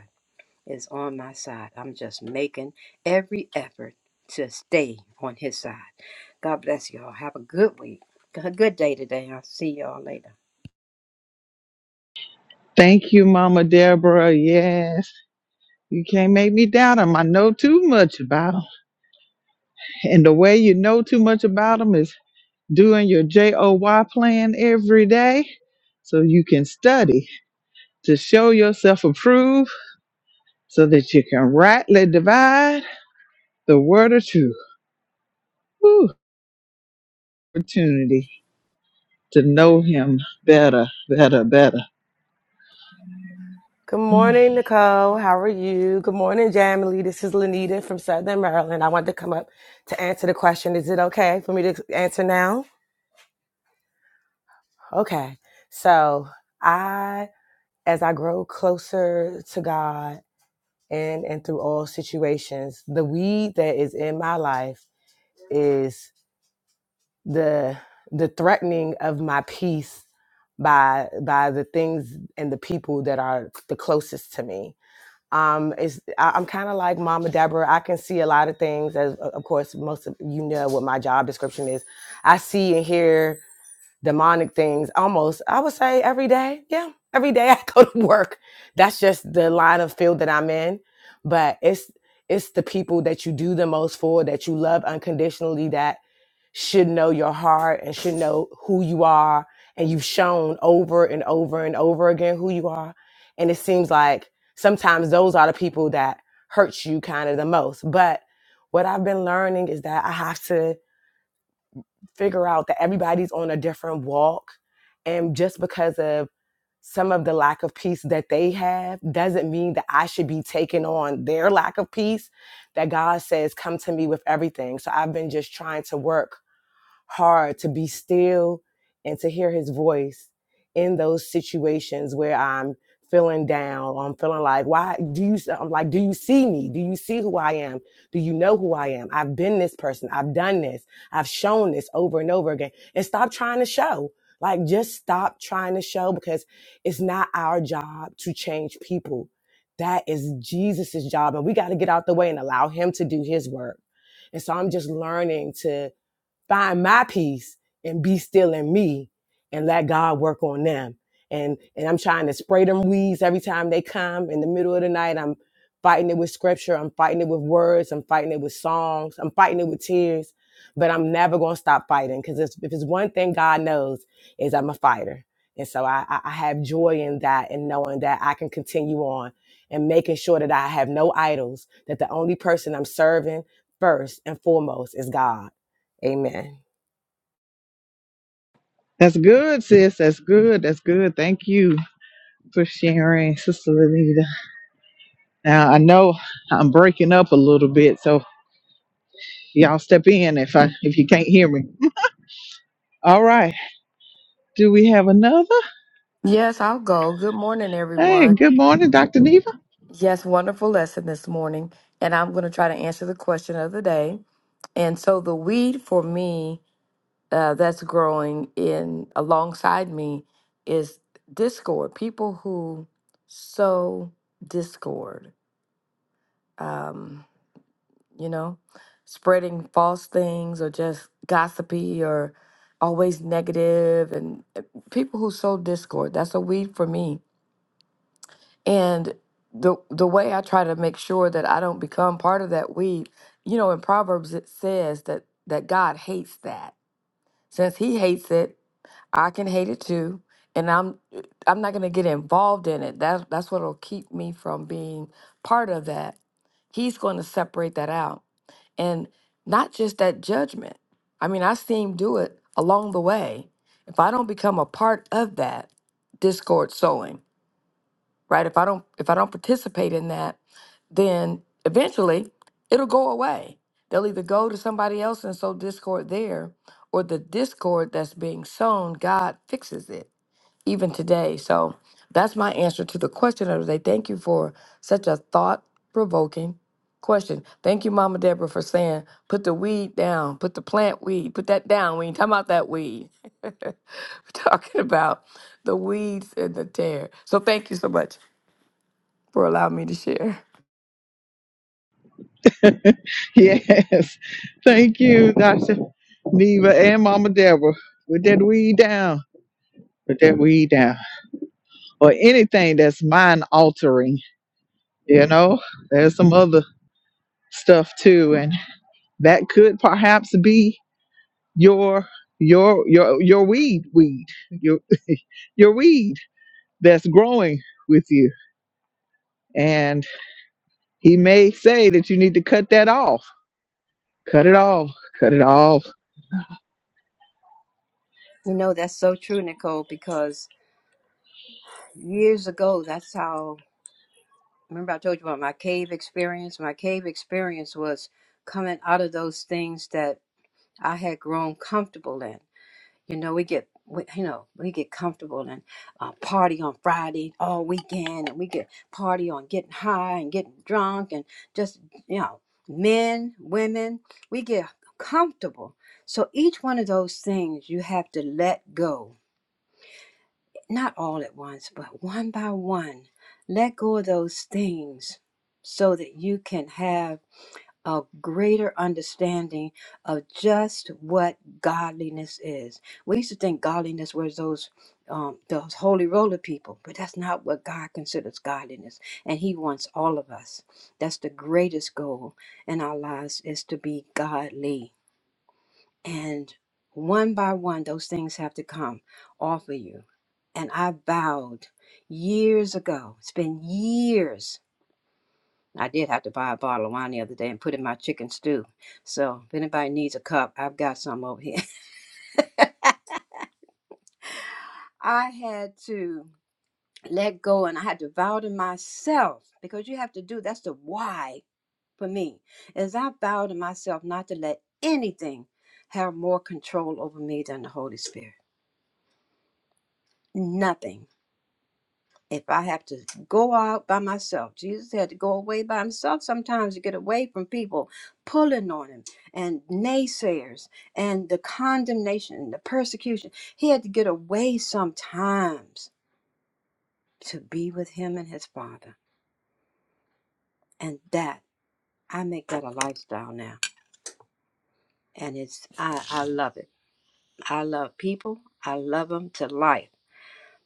F: is on my side. I'm just making every effort to stay on his side. God bless y'all. Have a good week. A good day today. I'll see y'all later.
A: Thank you, Mama Deborah. Yes, you can't make me doubt them. I know too much about them. And the way you know too much about them is doing your JOY plan every day so you can study to show yourself approved so that you can rightly divide The word or two. Whew, opportunity to know him better, better, better.
G: Good morning, Nicole. How are you? Good morning, Jamily. This is Lanita from Southern Maryland. I wanted to come up to answer the question. Is it okay for me to answer now? Okay. So I, as I grow closer to God and and through all situations, the weed that is in my life is the the threatening of my peace by by the things and the people that are the closest to me um is I, i'm kind of like mama deborah i can see a lot of things as o- of course most of you know what my job description is i see and hear demonic things almost i would say every day yeah every day i go to work that's just the line of field that i'm in but it's it's the people that you do the most for that you love unconditionally that should know your heart and should know who you are. And you've shown over and over and over again who you are. And it seems like sometimes those are the people that hurt you kind of the most. But what I've been learning is that I have to figure out that everybody's on a different walk. And just because of some of the lack of peace that they have doesn't mean that I should be taking on their lack of peace. That God says, Come to me with everything. So I've been just trying to work hard to be still and to hear his voice in those situations where I'm feeling down I'm feeling like, why do you, I'm like, do you see me? Do you see who I am? Do you know who I am? I've been this person. I've done this. I've shown this over and over again and stop trying to show. Like just stop trying to show because it's not our job to change people. That is Jesus's job. And we got to get out the way and allow him to do his work. And so I'm just learning to find my peace and be still in me and let God work on them. And and I'm trying to spray them weeds every time they come in the middle of the night. I'm fighting it with scripture, I'm fighting it with words, I'm fighting it with songs, I'm fighting it with tears. But I'm never gonna stop fighting because if it's one thing God knows is I'm a fighter. And so I, I I have joy in that and knowing that I can continue on and making sure that I have no idols, that the only person I'm serving first and foremost is God. Amen.
A: That's good, sis. That's good. That's good. Thank you for sharing, Sister Lenita. Now I know I'm breaking up a little bit, so y'all step in if I if you can't hear me. All right. Do we have another?
H: Yes, I'll go. Good morning,
A: Hey,
H: everyone.
A: good morning, Dr. Neva.
H: Yes, wonderful lesson this morning. And I'm going to try to answer the question of the day. And so, the weed for me uh, that's growing in alongside me is discord, people who sow discord, um, you know, spreading false things or just gossipy or always negative, and uh, people who sow discord. That's a weed for me And the the way I try to make sure that I don't become part of that weed, you know, in Proverbs it says that that God hates that. Since he hates it, I can hate it too, and I'm I'm not going to get involved in it. That's that's what'll keep me from being part of that. He's going to separate that out. And not just that judgment. I mean, I see him do it along the way. If I don't become a part of that discord sowing, right? If I don't if I don't participate in that, then eventually it'll go away. They'll either go to somebody else and sow discord there, or the discord that's being sown, God fixes it even today. So that's my answer to the question of the day. Thank you for such a thought provoking question. Thank you, Mama Deborah, for saying, put the weed down, put the plant weed, put that down. We ain't talking about that weed. We're talking about the weeds and the tear. So thank you so much for allowing me to share.
A: Yes. Thank you, Dr. Neva and Mama Deborah. With that weed down. put that weed down or anything that's mind altering you know there's some other stuff too and that could perhaps be your your your your weed weed your your weed that's growing with you and he may say that you need to cut that off cut it off cut it off
F: You know, that's so true, Nicole, because years ago, that's how. Remember, I told you about my cave experience? My cave experience was coming out of those things that I had grown comfortable in You know, we get we, you know we get comfortable and uh, party on Friday all weekend, and we get party on getting high and getting drunk, and just you know, men, women, we get comfortable. So each one of those things you have to let go, not all at once, but one by one, let go of those things, so that you can have a greater understanding of just what godliness is. We used to think godliness was those um, those holy roller people, but that's not what God considers godliness, and He wants all of us. That's the greatest goal in our lives is to be godly, and one by one, those things have to come off of you. And I vowed years ago. It's been years I did have to buy a bottle of wine the other day and put in my chicken stew. So if anybody needs a cup, I've got some over here. I had to let go and I had to vow to myself because you have to do that's the why for me is I vow to myself not to let anything have more control over me than the Holy Spirit. Nothing if I have to go out by myself, Jesus had to go away by himself sometimes to get away from people pulling on him and naysayers and the condemnation and the persecution. He had to get away sometimes to be with him and his father. And that, I make that a lifestyle now. And it's, I, I love it. I love people, I love them to life.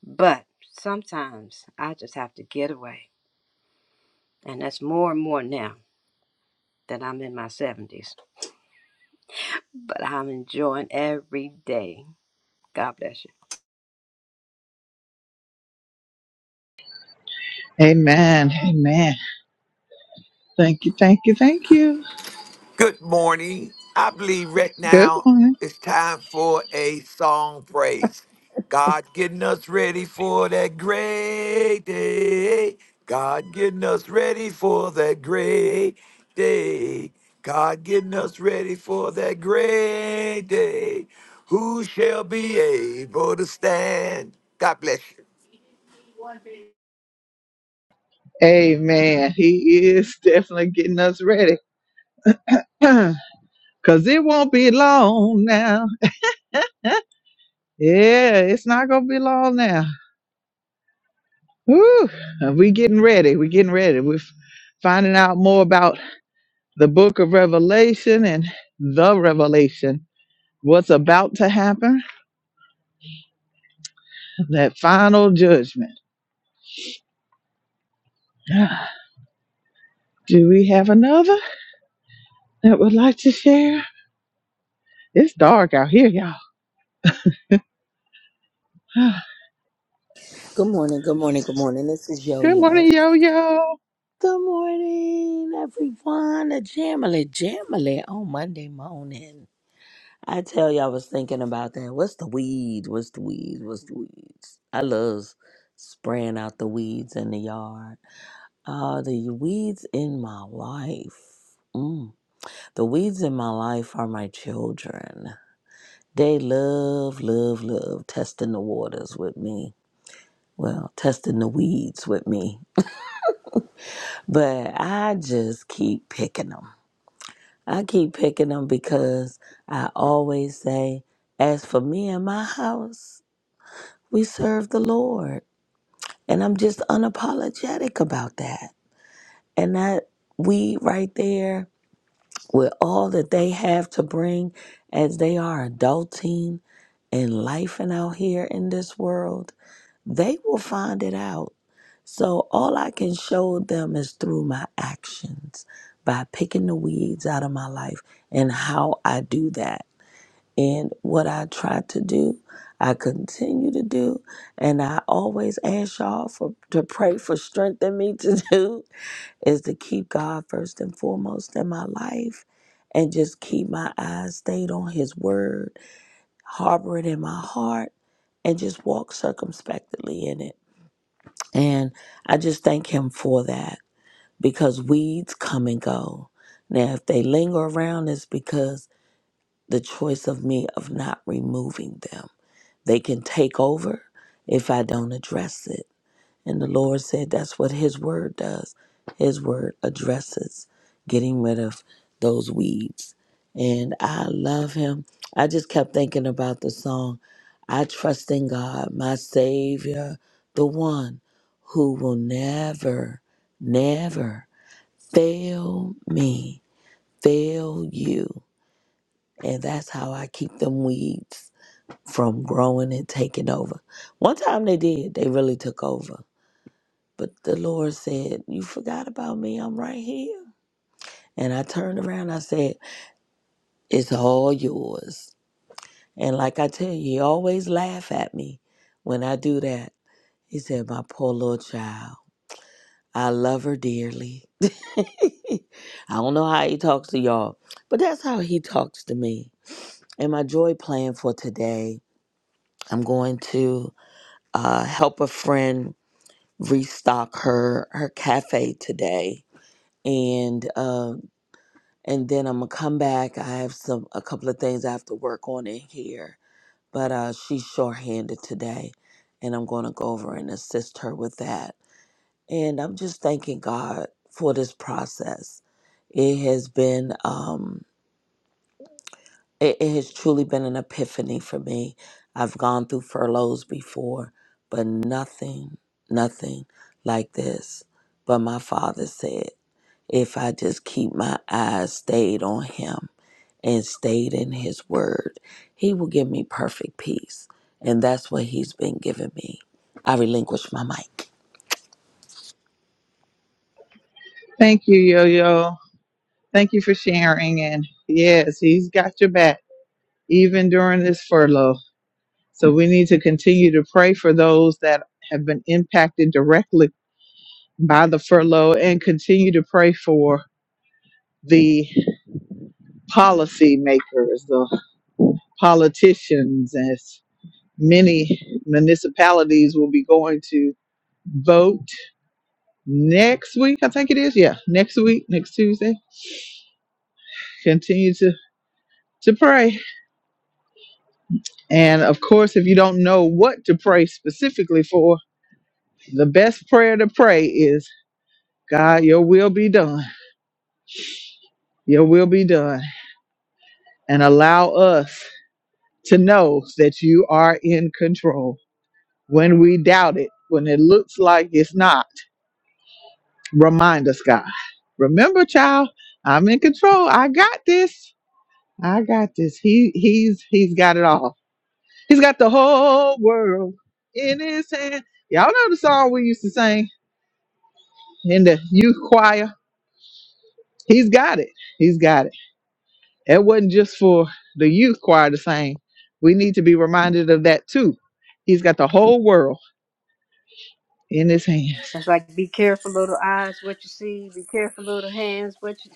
F: But sometimes I just have to get away. And that's more and more now that I'm in my 70s. but I'm enjoying every day. God bless you.
A: amen amen thank you thank you thank you
B: Good morning. I believe right
A: good
B: now
A: morning
B: it's time for a song praise. God getting us ready for that great day. God getting us ready for that great day. God getting us ready for that great day. Who shall be able to stand? God bless you.
A: amen he is definitely getting us ready Cause it won't be long now. Yeah, it's not gonna be long now. Woo! We getting ready. We getting ready. We're f- finding out more about the book of Revelation and the revelation. What's about to happen? That final judgment. Do we have another that would like to share? It's dark out here, y'all.
I: Good morning, good morning, good morning. This is Yo
A: Good
I: Yo.
A: morning, yo yo.
I: Good morning, everyone. A jamily, jamily on Monday morning. I tell you, I was thinking about that. What's the weeds? What's the weeds? What's the weeds? I love spraying out the weeds in the yard. Uh, the weeds in my life. Mm. The weeds in my life are my children. They love, love, love testing the waters with me well, testing the weeds with me. But I just keep picking them. I keep picking them because I always say, as for me and my house, we serve the Lord. And I'm just unapologetic about that. And that we right there with all that they have to bring as they are adulting and life and out here in this world, they will find it out So all I can show them is through my actions by picking the weeds out of my life and how I do that. And what I try to do, I continue to do. And I always ask y'all for to pray for strength in me to do is to keep God first and foremost in my life and just keep my eyes stayed on his word, harbor it in my heart, and just walk circumspectly in it. And I just thank him for that because weeds come and go. Now, if they linger around, it's because the choice of me of not removing them. They can take over if I don't address it. And the Lord said that's what His Word does. His Word addresses getting rid of those weeds. And I love Him. I just kept thinking about the song, I Trust in God, my Savior, the one who will never, never fail me, fail you. And that's how I keep them weeds from growing and taking over. One time they did, they really took over. But the Lord said, You forgot about me, I'm right here. And I turned around, I said, It's all yours. And like I tell you, he always laugh at me when I do that. He said, My poor little child, I love her dearly. I don't know how he talks to y'all, but that's how he talks to me. And my joy plan for today, I'm going to uh, help a friend restock her her cafe today, and uh, and then I'm gonna come back. I have some a couple of things I have to work on in here, but uh, she's shorthanded today, and I'm gonna go over and assist her with that. And I'm just thanking God for this process. It has been. Um, it, it has truly been an epiphany for me. I've gone through furloughs before, but nothing, nothing like this. But my father said, if I just keep my eyes stayed on him and stayed in his word, he will give me perfect peace. And that's what he's been giving me. I relinquish my mic.
A: Thank you, yo yo. Thank you for sharing. And yes, he's got your back, even during this furlough. So we need to continue to pray for those that have been impacted directly by the furlough and continue to pray for the policy makers, the politicians, as many municipalities will be going to vote next week. I think it is. Yeah, next week, next Tuesday. Continue to to pray. And of course, if you don't know what to pray specifically for, the best prayer to pray is, God, your will be done Your will be done. And allow us to know that you are in control. When we doubt it, when it looks like it's not, remind us, God. Remember, child, I'm in control. I got this. I got this. He he's he's got it all. He's got the whole world in his hand. Y'all know the song we used to sing in the youth choir. He's got it. He's got it. It wasn't just for the youth choir to sing. We need to be reminded of that too. He's got the whole world in his hands.
F: That's like be careful, little eyes, what you see. Be careful, little hands, what you.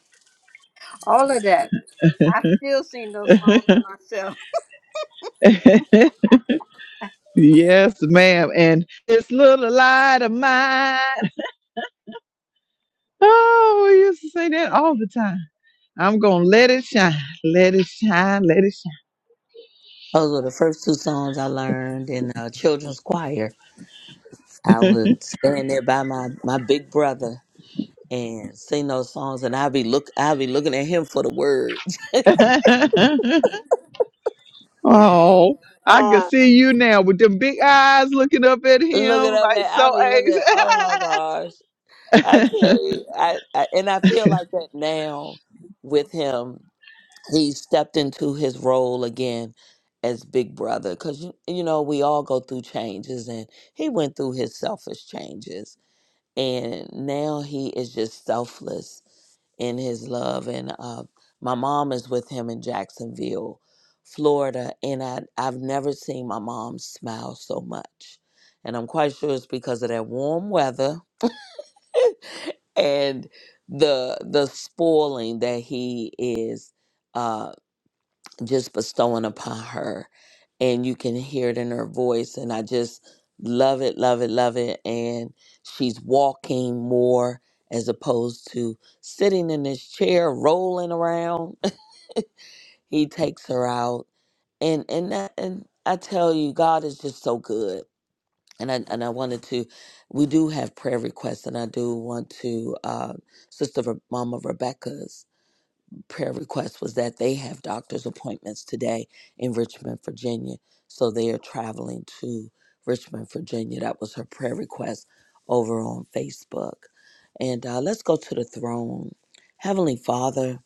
F: All of that. I still sing those songs to myself.
A: yes, ma'am. And this little light of mine. Oh, we used to say that all the time. I'm going to let it shine. Let it shine. Let it
I: Those were the first two songs I learned in uh, children's choir. I would stand there by my, my big brother and sing those songs and I'll be look I'll be looking at him for the words.
A: shine. oh, I can see you now with them big eyes looking up at
I: looking
A: him
I: up
A: like
I: at
A: so
I: I'll be looking at oh my gosh. I
A: anxious.
I: tell you, I, I and I feel like that now with him. He stepped into his role again as big brother because you, you know we all go through changes and he went through his selfish changes and now he is just selfless in his love. And uh, my mom is with him in Jacksonville, Florida. And I, I've never seen my mom smile so much. And I'm quite sure it's because of that warm weather and the the spoiling that he is uh, just bestowing upon her. And you can hear it in her voice. And I just love it, love it, love it. And she's walking more as opposed to sitting in this chair rolling around He takes her out, and and that, and I tell you, God is just so good. And I and I wanted to, we do have prayer requests, and I do want to. Uh, Sister Re- Mama Rebecca's prayer request was that they have doctor's appointments today in Richmond, Virginia, so they are traveling to Richmond, Virginia. That was her prayer request over on Facebook. And uh, let's go to the throne, Heavenly Father.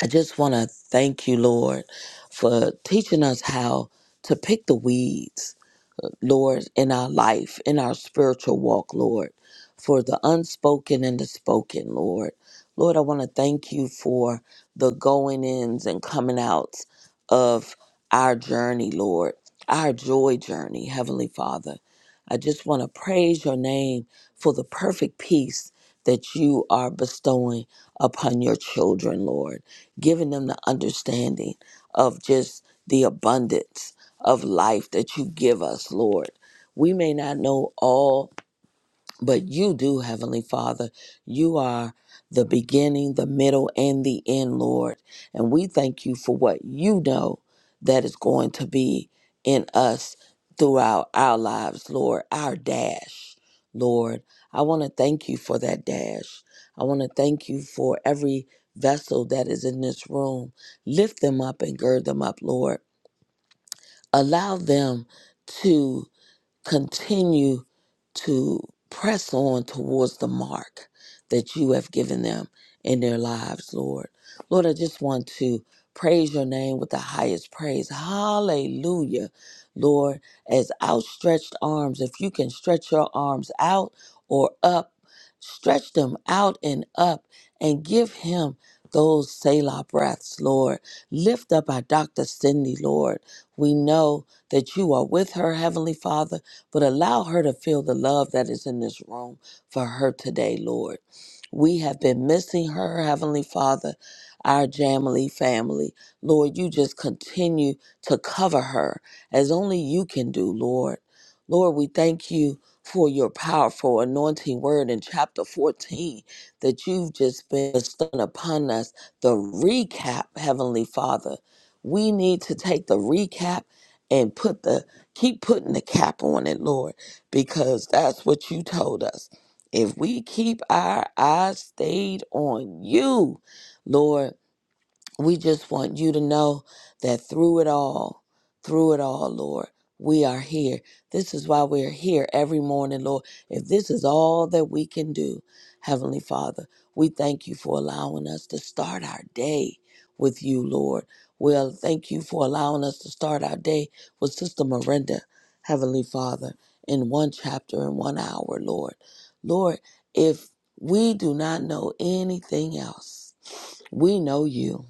I: I just want to thank you, Lord, for teaching us how to pick the weeds Lord, in our life, in our spiritual walk, Lord, for the unspoken and the spoken, Lord. Lord, I want to thank you for the going ins and coming outs of our journey, Lord, our joy journey, Heavenly Father. I just want to praise your name for the perfect peace that you are bestowing upon your children, Lord, giving them the understanding of just the abundance of life that you give us, Lord. We may not know all, but you do, Heavenly Father. You are the beginning, the middle, and the end, Lord. And we thank you for what you know that is going to be in us throughout our lives, Lord, our dash, Lord. I want to thank you for that dash. I want to thank you for every vessel that is in this room. Lift them up and gird them up, Lord allow them to continue to press on towards the mark that you have given them in their lives, Lord. Lord, I just want to praise your name with the highest praise. Hallelujah, Lord. As outstretched arms, if you can stretch your arms out or up, stretch them out and up and give him. Those Selah breaths, Lord. Lift up our Dr. Cindy, Lord. We know that you are with her, Heavenly Father but allow her to feel the love that is in this room for her today, Lord. We have been missing her, Heavenly Father, our Jamily family. Lord, you just continue to cover her as only you can do, Lord. Lord, we thank you for your powerful anointing word in chapter 14 that you've just been bestowing upon us. The recap, Heavenly Father. We need to take the recap and put the Keep putting the cap on it, Lord, because that's what you told us. If we keep our eyes stayed on you, Lord, we just want you to know that through it all, through it all, Lord, we are here. This is why we're here every morning, Lord. If this is all that we can do, Heavenly Father, we thank you for allowing us to start our day with you, Lord. Well, thank you for allowing us to start our day with Sister Miranda, Heavenly Father, in one chapter and one hour, Lord. Lord, if we do not know anything else, we know you.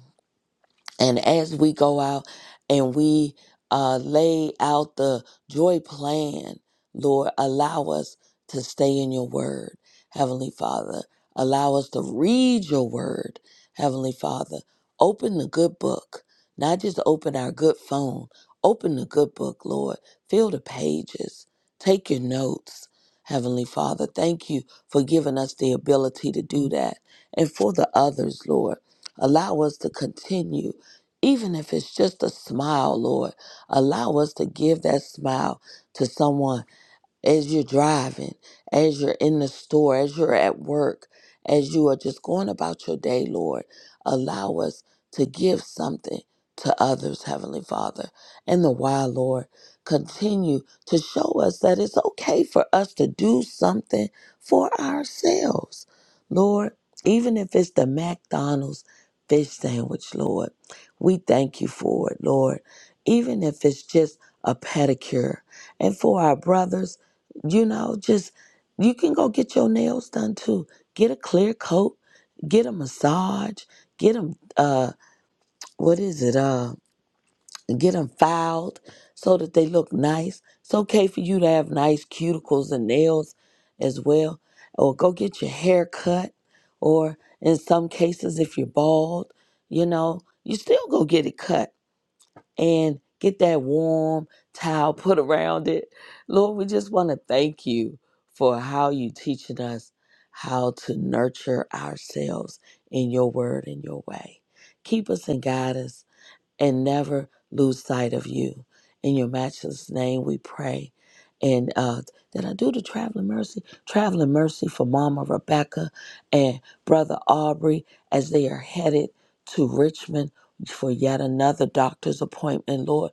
I: And as we go out and we uh, lay out the joy plan, Lord, allow us to stay in your word, Heavenly Father. Allow us to read your word, Heavenly Father. Open the good book, not just open our good phone. Open the good book, Lord. Fill the pages. Take your notes, Heavenly Father. Thank you for giving us the ability to do that. And for the others, Lord, allow us to continue even if it's just a smile, Lord, allow us to give that smile to someone as you're driving, as you're in the store, as you're at work, as you are just going about your day, Lord, allow us to give something to others, Heavenly Father. And the while, Lord, continue to show us that it's okay for us to do something for ourselves, Lord, even if it's the McDonald's fish sandwich, Lord. We thank you for it, Lord. Even if it's just a pedicure. And for our brothers, you know just you can go get your nails done too get a clear coat get a massage get them uh what is it uh get them filed so that they look nice it's okay for you to have nice cuticles and nails as well or go get your hair cut or in some cases if you're bald you know you still go get it cut and get that warm towel put around it. Lord, we just want to thank you for how you teaching us how to nurture ourselves in your word and your way. Keep us and guide us and never lose sight of you. In your matchless name, we pray. And uh, did I do the traveling mercy? Traveling mercy for Mama Rebecca and Brother Aubrey as they are headed to Richmond for yet another doctor's appointment, Lord.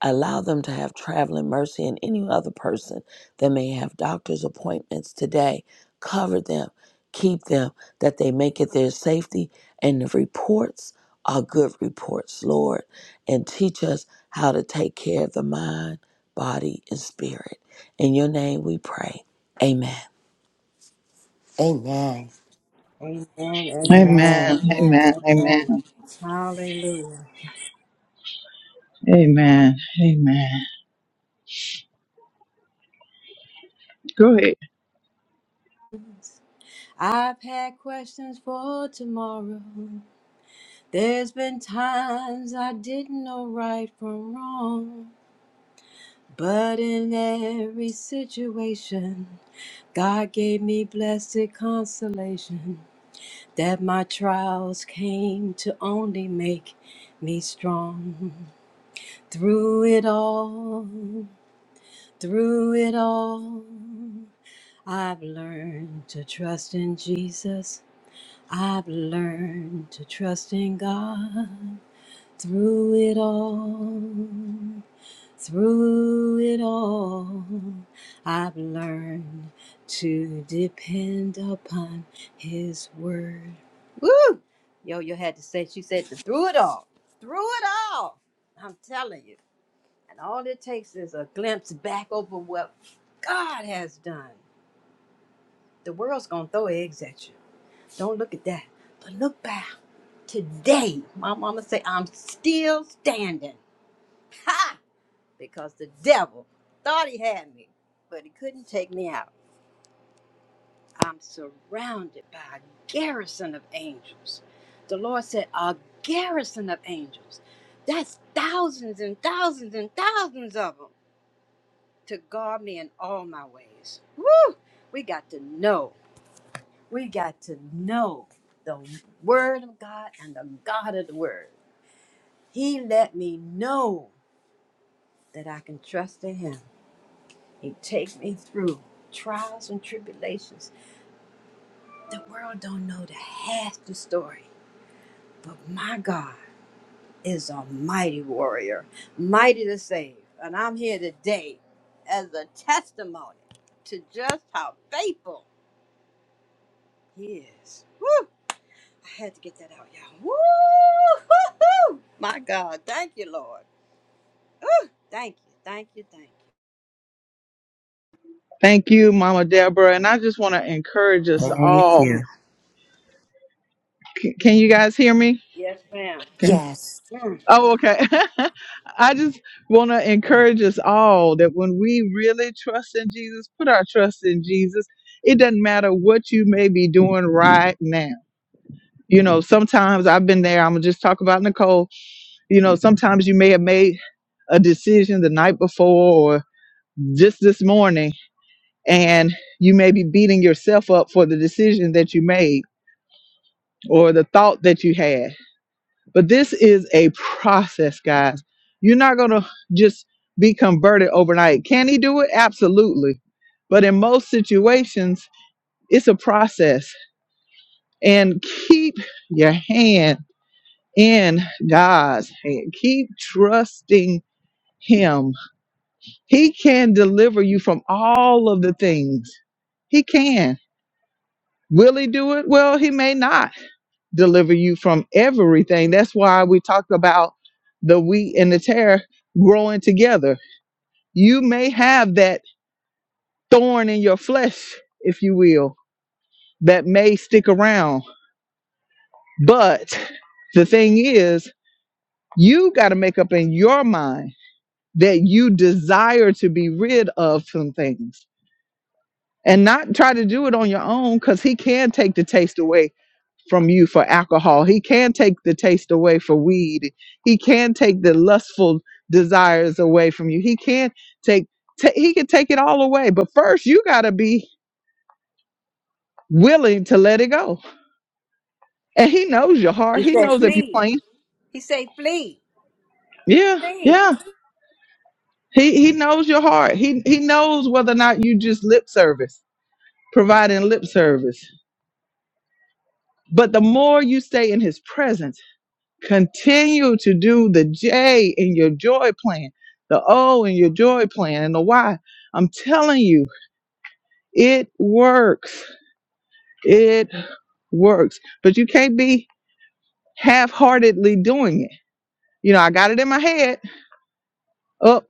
I: Allow them to have traveling mercy and any other person that may have doctor's appointments today. Cover them, keep them, that they make it their safety. And the reports are good reports, Lord. And teach us how to take care of the mind, body, and spirit. In your name we pray. Amen.
J: Amen.
F: Amen, amen,
J: Amen.
A: Amen.
F: amen,
A: Amen.
F: amen.
A: Amen.
F: Hallelujah.
A: Amen. Amen. Go ahead.
F: I've had questions for tomorrow. There's been times I didn't know right from wrong. But in every situation, God gave me blessed consolation. that my trials came to only make me strong. Through it all, through it all, I've learned to trust in Jesus. I've learned to trust in God. Through it all, through it all, I've learned to depend upon His word. Woo! Yo, you had to say, she said, to through it all, through it all. I'm telling you. And all it takes is a glimpse back over what God has done. The world's going to throw eggs at you. Don't look at that. But look back. Today, my mama say, I'm still standing. Ha! because the devil thought he had me, but he couldn't take me out. I'm surrounded by a garrison of angels. The Lord said, A garrison of angels. That's thousands and thousands and thousands of them to guard me in all my ways. Woo! We got to know. We got to know the Word of God and the God of the Word. He let me know that I can trust in Him He takes me through trials and tribulations. The world don't know the half the story, but my God is a mighty warrior, mighty to save. And I'm here today as a testimony to just how faithful he is. Woo! I had to get that out, y'all. Woo! Hoo-hoo! My God, thank you, Lord. Woo! Thank you, thank you, thank you.
A: Thank you, Mama Deborah. And I just want to encourage us
I: Thank
A: all.
I: you.
A: C- can you guys hear me?
F: Yes, ma'am.
A: Can
J: Yes.
F: Mm.
A: Oh, okay. I just want to encourage us all that when we really trust in Jesus, put our trust in Jesus. It doesn't matter what you may be doing right now. You know, sometimes I've been there. I'm gonna just talk about Nicole. You know, sometimes you may have made a decision the night before or just this morning, and you may be beating yourself up for the decision that you made or the thought that you had. But this is a process, guys. You're not gonna just be converted overnight. Can he do it? Absolutely. But in most situations, it's a process. And keep your hand in God's hand. Keep trusting Him. He can deliver you from all of the things. He can. Will He do it? Well, He may not deliver you from everything. That's why we talked about the wheat and the tare growing together. You may have that thorn in your flesh, if you will, that may stick around. But the thing is, you got to make up in your mind that you desire to be rid of some things and not try to do it on your own because he can take the taste away from you for alcohol. He can take the taste away for weed. He can take the lustful desires away from you. He can take, ta he can take it all away. But first, you got to be willing to let it go. And he knows your
F: He
A: heart. He
F: said,
A: knows if you're
F: flee.
A: playing.
F: He said, flee,
A: Yeah,
F: flee.
A: yeah. He he knows your heart. He he knows whether or not you just lip service, providing lip service But the more you stay in his presence, continue to do the J in your joy plan, the O in your joy plan, and the Y. I'm telling you, it works. It works. But you can't be half heartedly doing it. You know, I got it in my head. Up,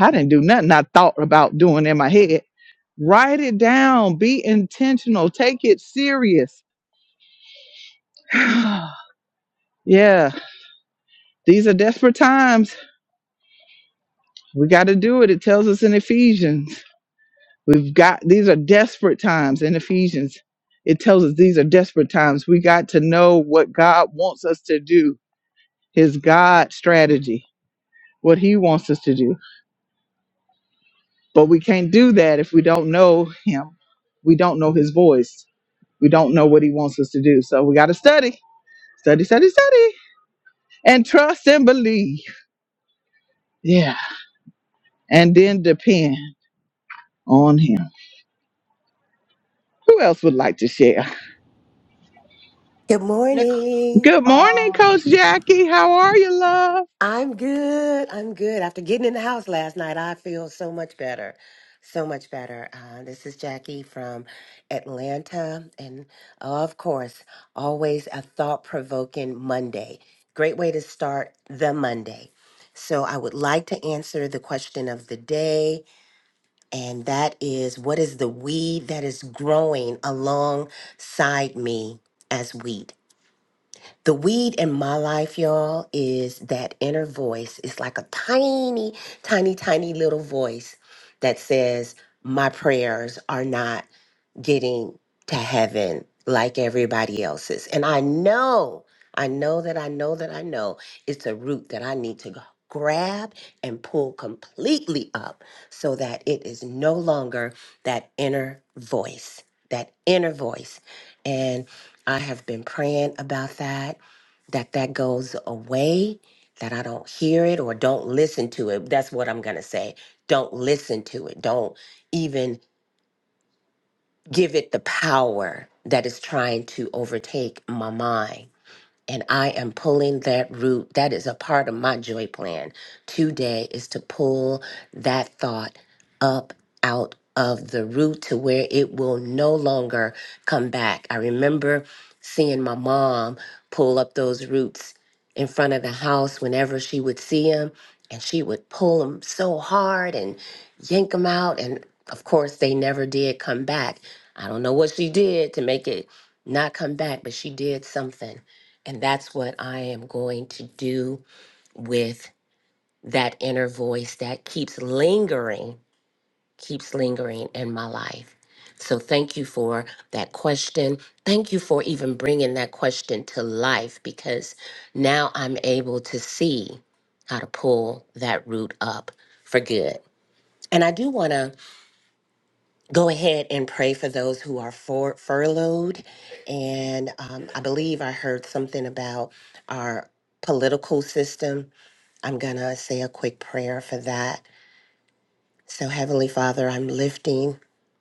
A: I didn't do nothing I thought about doing in my head. Write it down. Be intentional. Take it serious. yeah, these are desperate times We got to do it. It tells us in Ephesians. We've got these are desperate times in Ephesians. It tells us these are desperate times. We got to know what God wants us to do, his God strategy, what he wants us to do. But we can't do that if we don't know him. We don't know his voice. We don't know what he wants us to do. So we got to study, study, study, study, and trust and believe. Yeah. And then depend on him. Who else would like to share?
J: Good
C: Nic-
J: morning.
A: Good
C: uh,
A: morning, Coach Jackie. How are you, love?
J: I'm good. I'm good. After getting in the house last night, I feel so much better. So much better. Uh, this is Jackie from Atlanta. And of course, always a thought provoking Monday. Great way to start the Monday. So, I would like to answer the question of the day, and that is what is the weed that is growing alongside me as wheat? The weed in my life, y'all, is that inner voice. It's like a tiny, tiny, tiny little voice that says, My prayers are not getting to heaven like everybody else's. And I know, I know that I know that I know it's a root that I need to go grab and pull completely up so that it is no longer that inner voice, that inner voice. And I have been praying about that, that that goes away, that I don't hear it or don't listen to it. That's what I'm going to say. Don't listen to it. Don't even give it the power that is trying to overtake my mind and I am pulling that root. That is a part of my joy plan today is to pull that thought up out of the root to where it will no longer come back. I remember seeing my mom pull up those roots in front of the house whenever she would see them and she would pull them so hard and yank them out and of course they never did come back. I don't know what she did to make it not come back, but she did something and that's what I am going to do with that inner voice that keeps lingering, keeps lingering in my life. So thank you for that question. Thank you for even bringing that question to life because now I'm able to see how to pull that root up for good. And I do want to go ahead and pray for those who are for, furloughed. And um, I believe I heard something about our political system. I'm going to say a quick prayer for that. So, Heavenly Father, I'm lifting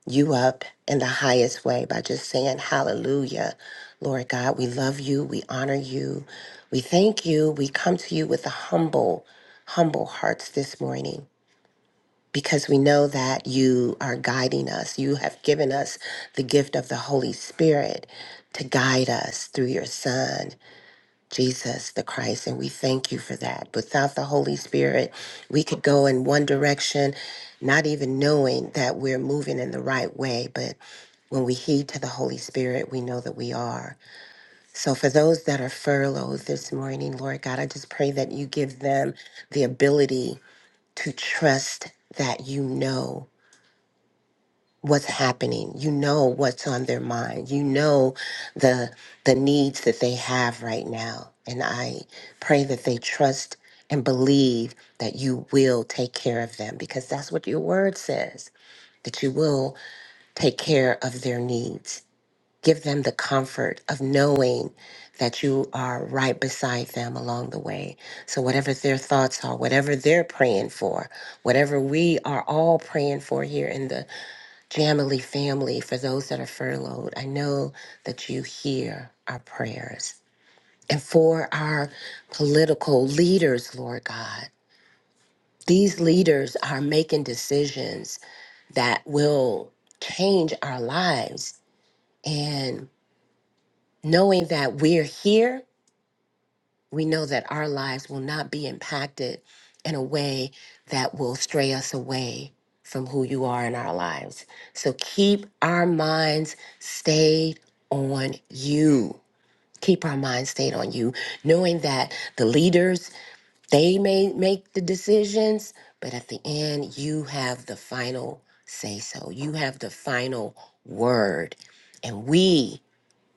J: you up in the highest way by just saying hallelujah. Lord God, we love you. We honor you. We thank you. We come to you with a humble, humble hearts this morning because we know that you are guiding us. You have given us the gift of the Holy Spirit to guide us through your Son, Jesus the Christ, and we thank you for that. Without the Holy Spirit, we could go in one direction, not even knowing that we're moving in the right way, but when we heed to the Holy Spirit, we know that we are. So, for those that are furloughed this morning, Lord God, I just pray that you give them the ability to trust that you know what's happening. You know what's on their mind. You know the the needs that they have right now. And I pray that they trust and believe that you will take care of them because that's what your word says, that you will take care of their needs. Give them the comfort of knowing that you are right beside them along the way. So, whatever their thoughts are, whatever they're praying for, whatever we are all praying for here in the Jamily family, for those that are furloughed, I know that you hear our prayers. And for our political leaders, Lord God, these leaders are making decisions that will change our lives. And knowing that we're here we know that our lives will not be impacted in a way that will stray us away from who you are in our lives. So keep our minds stayed on you. Keep our minds stayed on you, knowing that the leaders, they may make the decisions, but at the end, you have the final say so. You have the final word. And we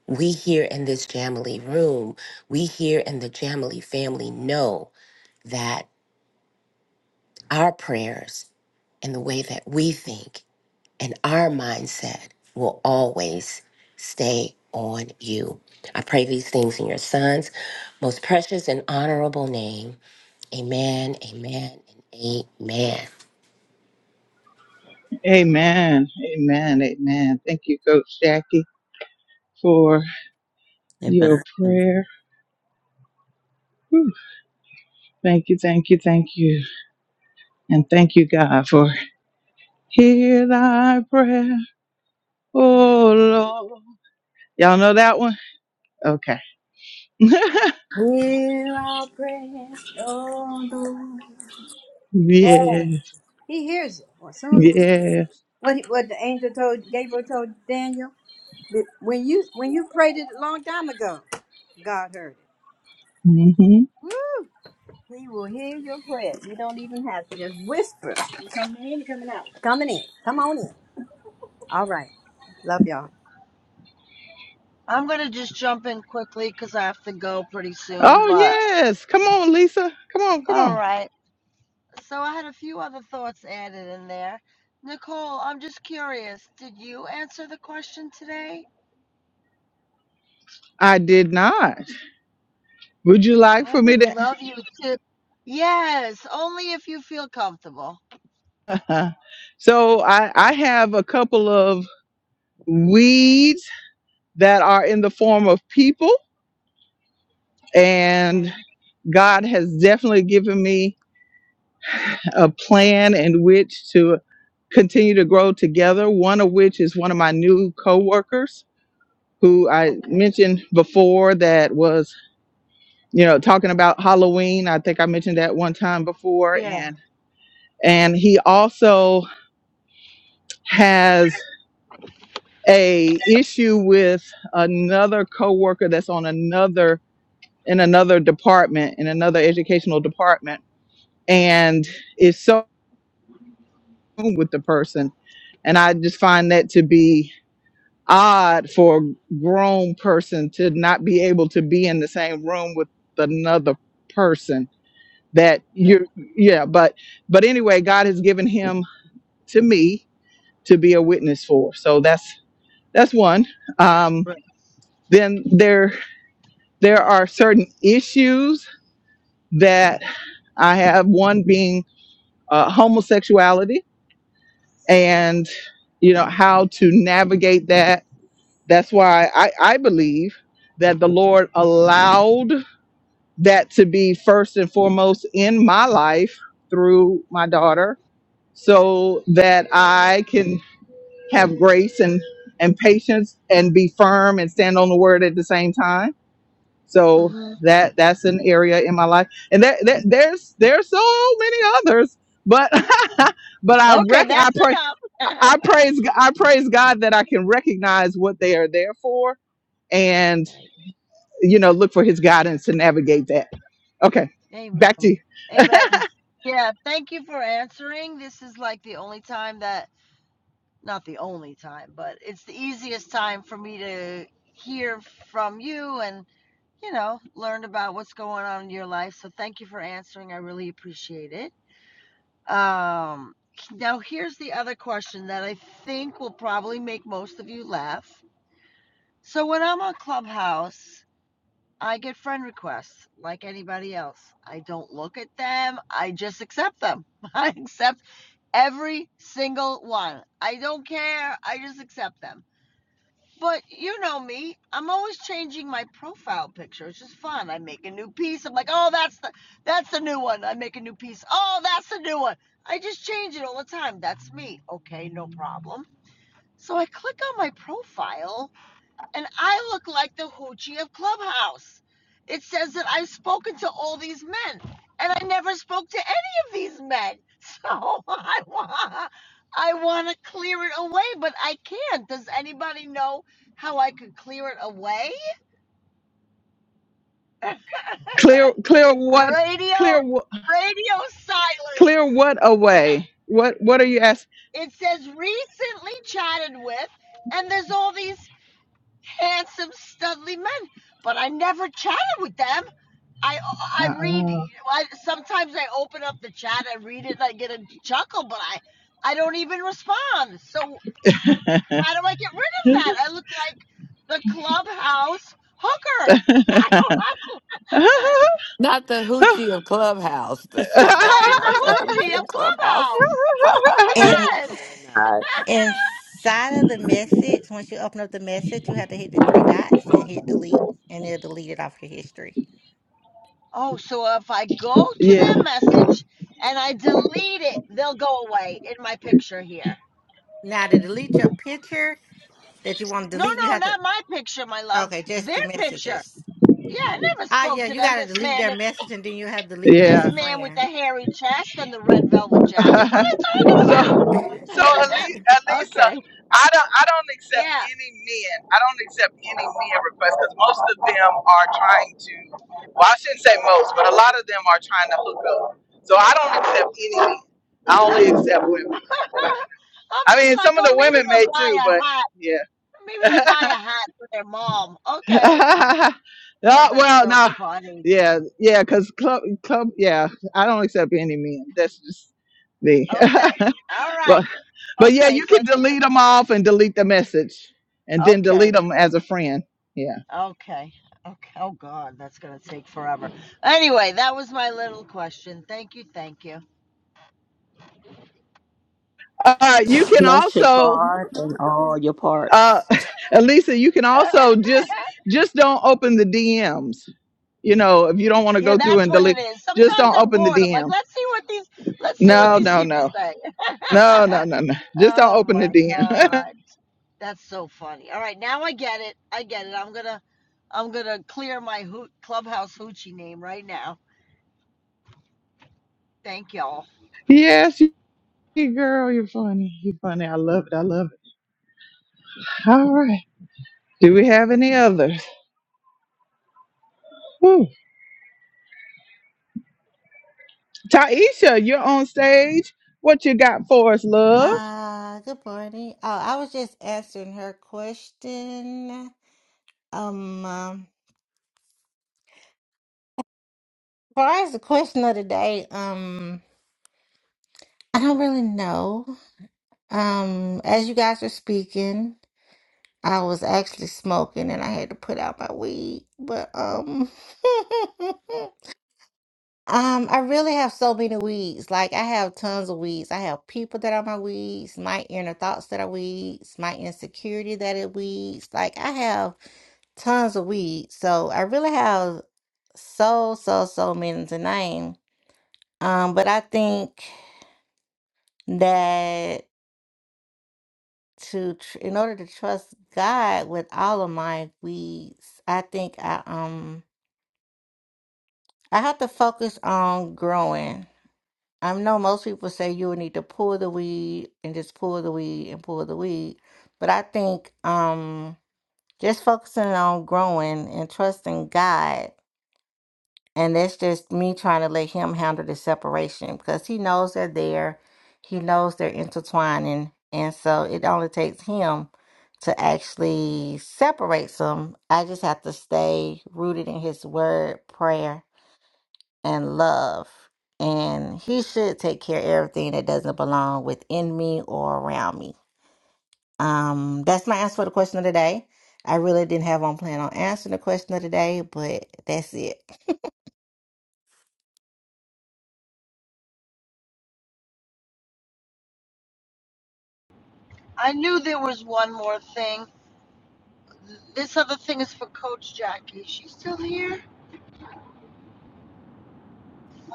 J: we here in this Jamily room, we here in the Jamily family know that our prayers and the way that we think and our mindset will always stay on you. I pray these things in your son's most precious and honorable name. Amen, amen, and amen.
A: Amen. Amen. Amen. Thank you, Coach Jackie, for your
I: Amen.
A: prayer. Whew. Thank you, thank you, thank you. And thank you, God, for hear thy prayer. Oh, Lord. Y'all know that one? Okay.
F: Hear our prayer, oh Lord.
A: yes.
F: Yes. He hears it as soon as we say it.
A: Yes.
F: What, he- what the angel told Gabriel told Daniel that when you when you prayed it a long time ago, God heard it.
A: hmm
F: Woo! He will hear your prayer. You don't even have to just whisper. You coming in, you coming out. Coming in. Come on in. All right. Love y'all.
C: I'm going to just jump in quickly because I have to go pretty soon,
A: Oh,
C: but
A: yes. Come on, Lisa. Come on, come
C: all
A: on.
C: right. So I had a few other thoughts added in there. Nicole, I'm just curious. Did you answer the question today?
A: I did not. Would you like
C: I
A: for me
C: would
A: to
C: love you to. Yes, only if you feel comfortable.
A: Uh-huh. so I, I have a couple of weeds that are in the form of people,
C: Okay.
A: and God has definitely given me a plan in which to continue to grow together. One of which is one of my new coworkers who I
C: Okay.
A: mentioned before that was, you know, talking about Halloween. I think I mentioned that one time before
C: Yeah.
A: and and he also has a issue with another coworker that's on another in another department in another educational department and is so with the person and i just find that to be odd for a grown person to not be able to be in the same room with another person that
C: Yeah.
A: you yeah but but anyway god has given him to me to be a witness for so that's that's one um
C: Right.
A: then there There are certain issues that I have, one being uh, homosexuality and, you know, how to navigate that. That's why I, I believe that the Lord allowed that to be first and foremost in my life through my daughter so that I can have grace and, and patience and be firm and stand on the word at the same time So
C: Mm-hmm.
A: that that's an area in my life, and that, that there's there's so many others, but but I
C: Okay,
A: rec- I
C: that's
A: pray
C: enough.
A: I praise I praise God that I can recognize what they are there for, and
C: Right.
A: you know look for His guidance to navigate that. Okay, back to you.
C: Amen. Amen. Yeah, thank you for answering. This is like the only time that, not the only time, but it's the easiest time for me to hear from you and, you know, learn about what's going on in your life. So thank you for answering. I really appreciate it. Um, now, here's the other question that I think will probably make most of you laugh. So, when I'm on Clubhouse, I get friend requests like anybody else. I don't look at them. I just accept them. I accept every single one. I don't care. I just accept them. But you know me, I'm always changing my profile picture. It's just fun. I make a new piece. I'm like, "Oh, that's the that's the new one." I make a new piece. "Oh, that's the new one." I just change it all the time. That's me. Okay, no problem. So I click on my profile and I look like the hoochie of Clubhouse. It says that I've spoken to all these men, and I never spoke to any of these men. So I want, I want to clear it away, but I can't. Does anybody know how I could clear it away? radio,
A: clear, clear what, clear, wh-
C: radio
A: clear
C: silence.
A: what away? What, what are you asking?
C: It says recently chatted with, and there's all these handsome, studly men, but I never chatted with them. I I read.
A: Uh-uh.
C: I, sometimes I open up the chat, I read it, and I get a chuckle, but I I don't even respond. So how do I get rid of
A: yeah,
C: that? I look like the clubhouse hooker. I don't know.
H: Not the hoochie of Clubhouse. That's
C: I am
H: actually like the
C: the
H: hoochie
C: hoochie of
H: of Clubhouse.
C: clubhouse.
K: And
C: Yes.
K: inside of the message, once you open up the message, you have to hit the three dots and hit delete, and it'll delete it off your history.
C: Oh, so if I go to their message and I delete it, they'll go away in my picture here.
K: Now, to delete your picture that you want to
C: No,
K: delete, you
C: no,
K: have to,
C: not my picture, my love.
K: okay, just
C: Their
K: the
C: picture.
K: messages.
C: Yeah, I never
K: Ah,
C: spoke
K: yeah,
C: to
K: you
C: them.
K: got to
C: This
K: delete
C: man,
K: their message and then you have to delete them as
C: this
A: yeah.
K: a
C: man with the
K: friend.
C: hairy chest and the red velvet jacket.
A: so,
C: What are you talking
A: so
C: about?
A: Ali- Alisa,
C: okay.
A: I don't, I don't accept
C: Yeah.
A: any men. I don't accept any men requests because most of them are trying to. Well, I shouldn't say most, but a lot of them are trying to hook up. So I don't accept any men. I only accept women.
C: I'm
A: I
C: just
A: mean,
C: like,
A: some of the
C: oh, maybe
A: women
C: they'll
A: may
C: buy
A: too, but
C: a hat.
A: yeah.
C: Maybe they'll buy a hat for their mom. Okay.
A: yeah,
C: Oh, that's
A: well,
C: so
A: no,
C: funny.
A: yeah, yeah, because club, club, yeah, I don't accept any men. That's just me.
C: Okay. All right.
A: but, but yeah,
C: Okay.
A: you
C: So I
A: can
C: think it's
A: delete them off and delete the message, and then
C: okay.
A: delete them as a friend. Yeah.
C: Okay. Okay. Oh God, that's gonna take forever. Anyway, that was my little question. Thank you. Thank you.
A: Uh, you can
I: Bless your
A: also,
I: heart and all your
A: uh,
I: parts.
A: Elisa, you can also just just don't open the DMs. You know, if you don't want to
C: Yeah,
A: go through
C: that's
A: and
C: what it
A: delete,
C: is.
A: just
C: Sometimes
A: don't
C: I'm
A: open the
C: bored. I'm like,
A: DM.
C: let's see what these let's see what
A: No,
C: these
A: no,
C: people
A: no,
C: say.
A: no, no, no, no. Just don't
C: oh
A: open
C: my
A: the DM.
C: god. That's so funny. All right, now I get it. I get it. I'm going to I'm going to clear my hoot clubhouse hoochie name right now. Thank y'all.
A: Yes, Hey girl, you're funny. You're funny. I love it. I love it. All right. Do we have any others? Whew. Taisha, you're on stage. What you got for us, love?
K: Uh, good morning. Oh, I was just answering her question. Um, um, far as the question of the day, um, I don't really know. Um, as you guys were speaking. I was actually smoking and I had to put out my weed, but um um I really have so many weeds. Like I have tons of weeds. I have people that are my weeds, my inner thoughts that are weeds, my insecurity that are weeds. Like I have tons of weeds. So I really have so so so many to name. Um but I think that to tr- in order to trust God with all of my weeds, I think I um I have to focus on growing. I know most people say you would need to pull the weed and just pull the weed and pull the weed, but I think um just focusing on growing and trusting God, and that's just me trying to let Him handle the separation because He knows they're there, He knows they're intertwining, and so it only takes Him to actually separate some. I just have to stay rooted in His Word, prayer and love. And he should take care of everything that doesn't belong within me or around me. Um, that's my answer for the question of the day. I really didn't have on plan on answering the question of the day, but that's it.
C: I knew there was one more thing. This other thing is for Coach Jackie. Is she still here?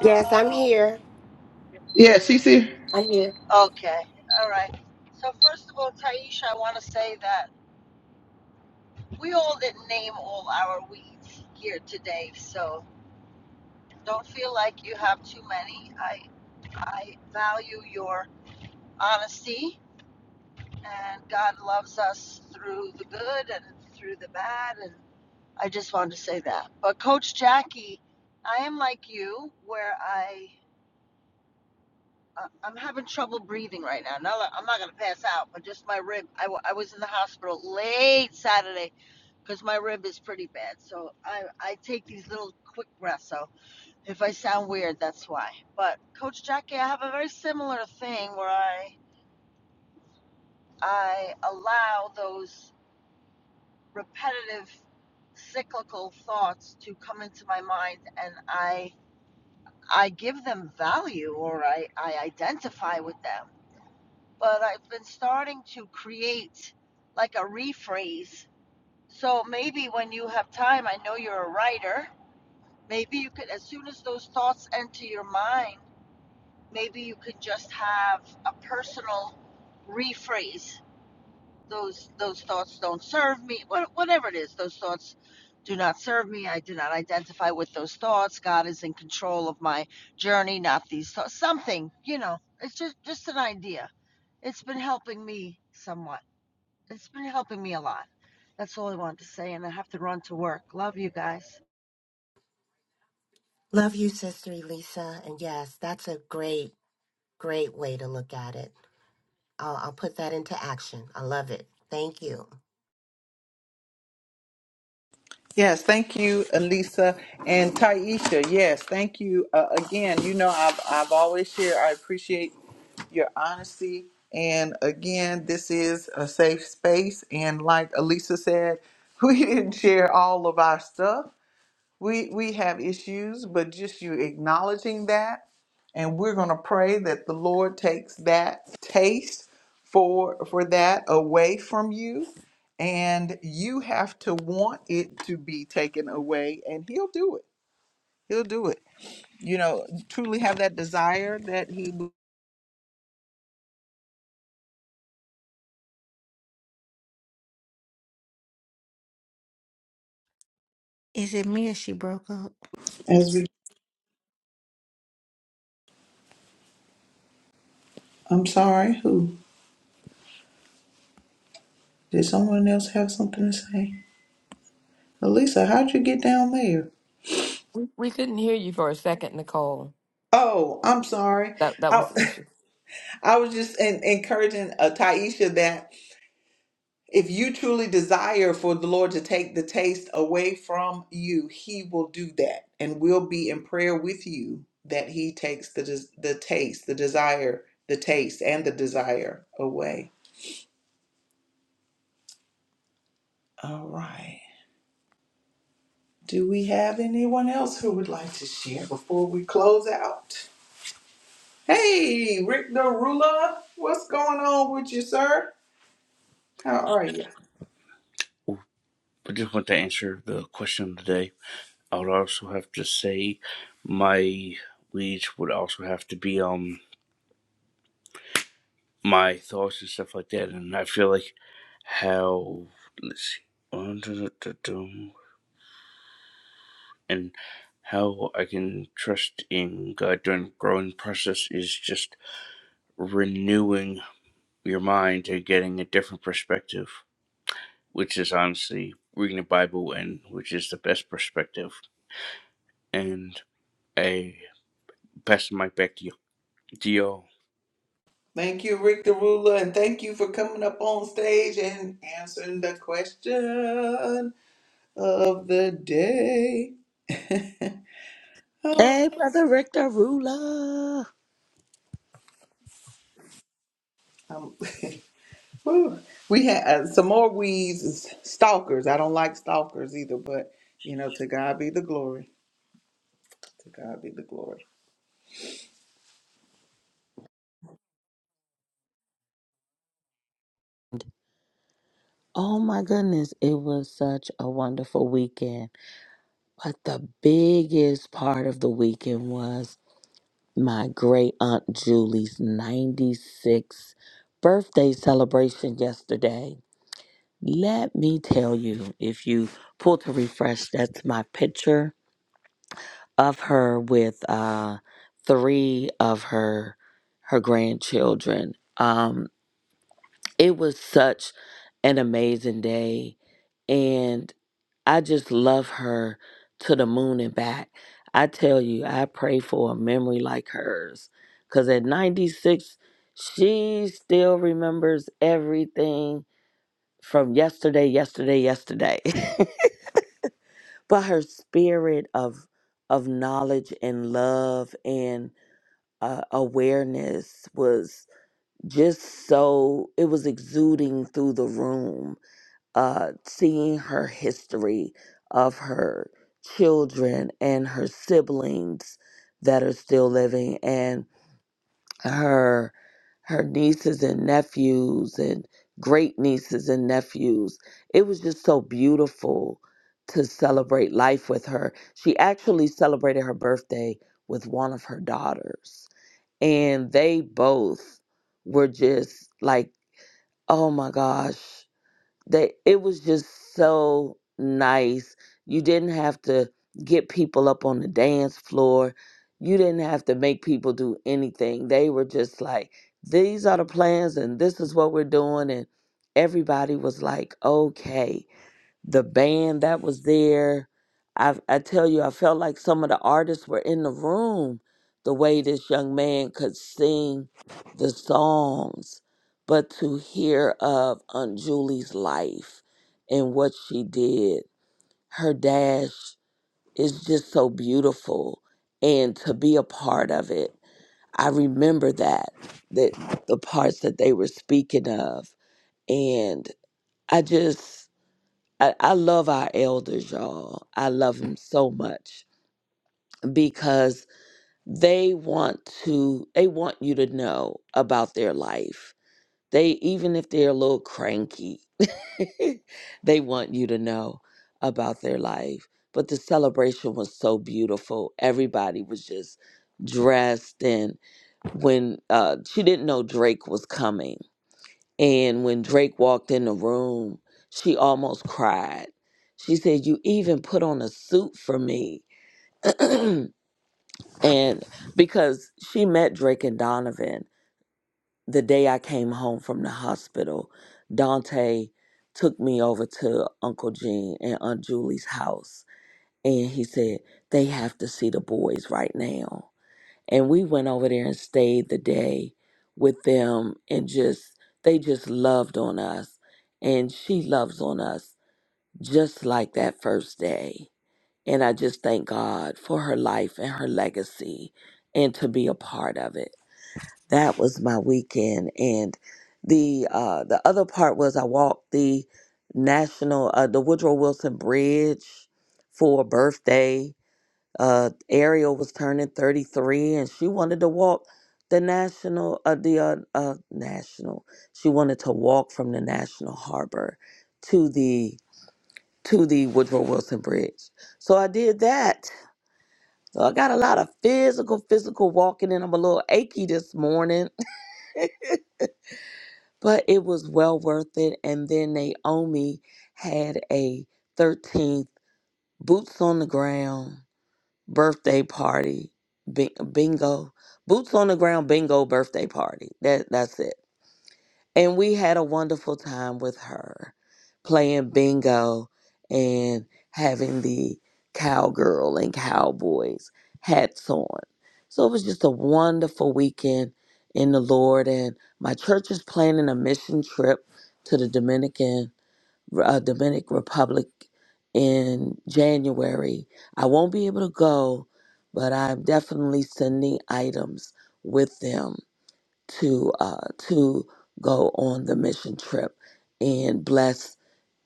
J: Yes, I'm here.
A: Yes, she's here.
J: I'm here.
C: okay. All right. So first of all, Taisha, I want to say that we all didn't name all our weeds here today, so don't feel like you have too many. I I value your honesty and God loves us through the good and through the bad and I just wanted to say that. But coach Jackie, I am like you where I uh, I'm having trouble breathing right now. Now I'm not going to pass out, but just my rib. I, w- I was in the hospital late Saturday because my rib is pretty bad. So I, I take these little quick breaths. So. If I sound weird, that's why. But Coach Jackie, I have a very similar thing where I I allow those repetitive cyclical thoughts to come into my mind and I I give them value or I, I identify with them. But I've been starting to create like a rephrase. So maybe when you have time, I know you're a writer, maybe you could as soon as those thoughts enter your mind maybe you could just have a personal rephrase those those thoughts don't serve me whatever it is those thoughts do not serve me i do not identify with those thoughts god is in control of my journey not these thoughts something you know it's just just an idea it's been helping me somewhat it's been helping me a lot that's all i wanted to say and i have to run to work love you guys
J: Love you, Sister Elisa. And yes, that's a great, great way to look at it. I'll, I'll put that into action. I love it. Thank you.
A: Yes, thank you, Elisa and Taisha. Yes, thank you uh, again. You know, I've I've always shared. I appreciate your honesty, and again, this is a safe space. And like Elisa said, we didn't share all of our stuff, we we have issues, but just you acknowledging that, and we're going to pray that the Lord takes that taste for for that away from you, and you have to want it to be taken away, and He'll do it. He'll do it. You know, truly have that desire that He. will.
K: Is it me or she broke up?
A: As we, I'm sorry, who did someone else have something to say? Elisa, how'd you get down there?
H: we couldn't hear you for a second, Nicole.
A: Oh, I'm sorry.
H: That that
A: I.
H: was the issue.
A: I was just en- encouraging uh, Taisha that if you truly desire for the Lord to take the taste away from you, He will do that, and we'll be in prayer with you that He takes the des- the taste, the desire, the taste, and the desire away. All right. Do we have anyone else who would like to share before we close out? Hey, Rick the what's going on with you, sir? How are you?
L: I just want to answer the question today. I would also have to say my leads would also have to be um my thoughts and stuff like that. And I feel like how let's see and how I can trust in God during the growing process is just renewing your mind and getting a different perspective, which is honestly reading the Bible and which is the best perspective. And I pass the mic back to you. Geo
A: Thank you, Rick Derula, and thank you for coming up on stage and answering the question of the day.
I: Hey, Brother Richter Ruler.
A: Um, whew. we had uh, some more weeds, is stalkers. I don't like stalkers either, but you know, to God be the glory. To God be the glory.
I: Oh my goodness, it was such a wonderful weekend. But the biggest part of the weekend was my great aunt Julie's 96th birthday celebration yesterday. Let me tell you, if you pull to refresh, that's my picture of her with uh, three of her her grandchildren. Um, it was such an amazing day and I just love her to the moon and back. I tell you, I pray for a memory like hers. Because at 96, she still remembers everything from yesterday, yesterday, yesterday. but her spirit of of knowledge and love and uh, awareness was just so it was exuding through the room uh, seeing her history of her children and her siblings that are still living and her her nieces and nephews and great nieces and nephews it was just so beautiful to celebrate life with her she actually celebrated her birthday with one of her daughters and they both were just like oh my gosh they it was just so nice. You didn't have to get people up on the dance floor. You didn't have to make people do anything. They were just like, these are the plans and this is what we're doing and everybody was like, "Okay." the band that was there. I I tell you, I felt like some of the artists were in the room. The way this young man could sing the songs, but to hear of Aunt Julie's life and what she did, her dash is just so beautiful, and to be a part of it, I remember that that the parts that they were speaking of, and I just I, I love our elders, y'all. I love them so much because they want to they want you to know about their life. They even if they're a little cranky, they want you to know about their life. But the celebration was so beautiful. Everybody was just dressed and when uh she didn't know Drake was coming and when Drake walked in the room, she almost cried. She said, You even put on a suit for me. And because she met Drake and Donovan the day I came home from the hospital, Dante took me over to Uncle Gene and Aunt Julie's house. And he said, They have to see the boys right now. and we went over there and stayed the day with them and just they just loved on us and she loves on us just like that first day and i just thank god for her life and her legacy and to be a part of it that was my weekend and the uh the other part was i walked the national uh the woodrow wilson bridge for a birthday uh, Ariel was turning 33, and she wanted to walk the national, uh, the uh, uh, national. She wanted to walk from the National Harbor to the to the Woodrow Wilson Bridge. So I did that. So I got a lot of physical, physical walking, and I'm a little achy this morning, but it was well worth it. And then Naomi had a 13th boots on the ground birthday party, bing- bingo, boots on the ground bingo birthday party. That that's it. And we had a wonderful time with her, playing bingo and having the cowgirl and cowboys hats on. So it was just a wonderful weekend in the Lord. And my church is planning a mission trip to the Dominican uh, Dominican Republic in January. I won't be able to go, but I'm definitely sending items with them to uh, to go on the mission trip and bless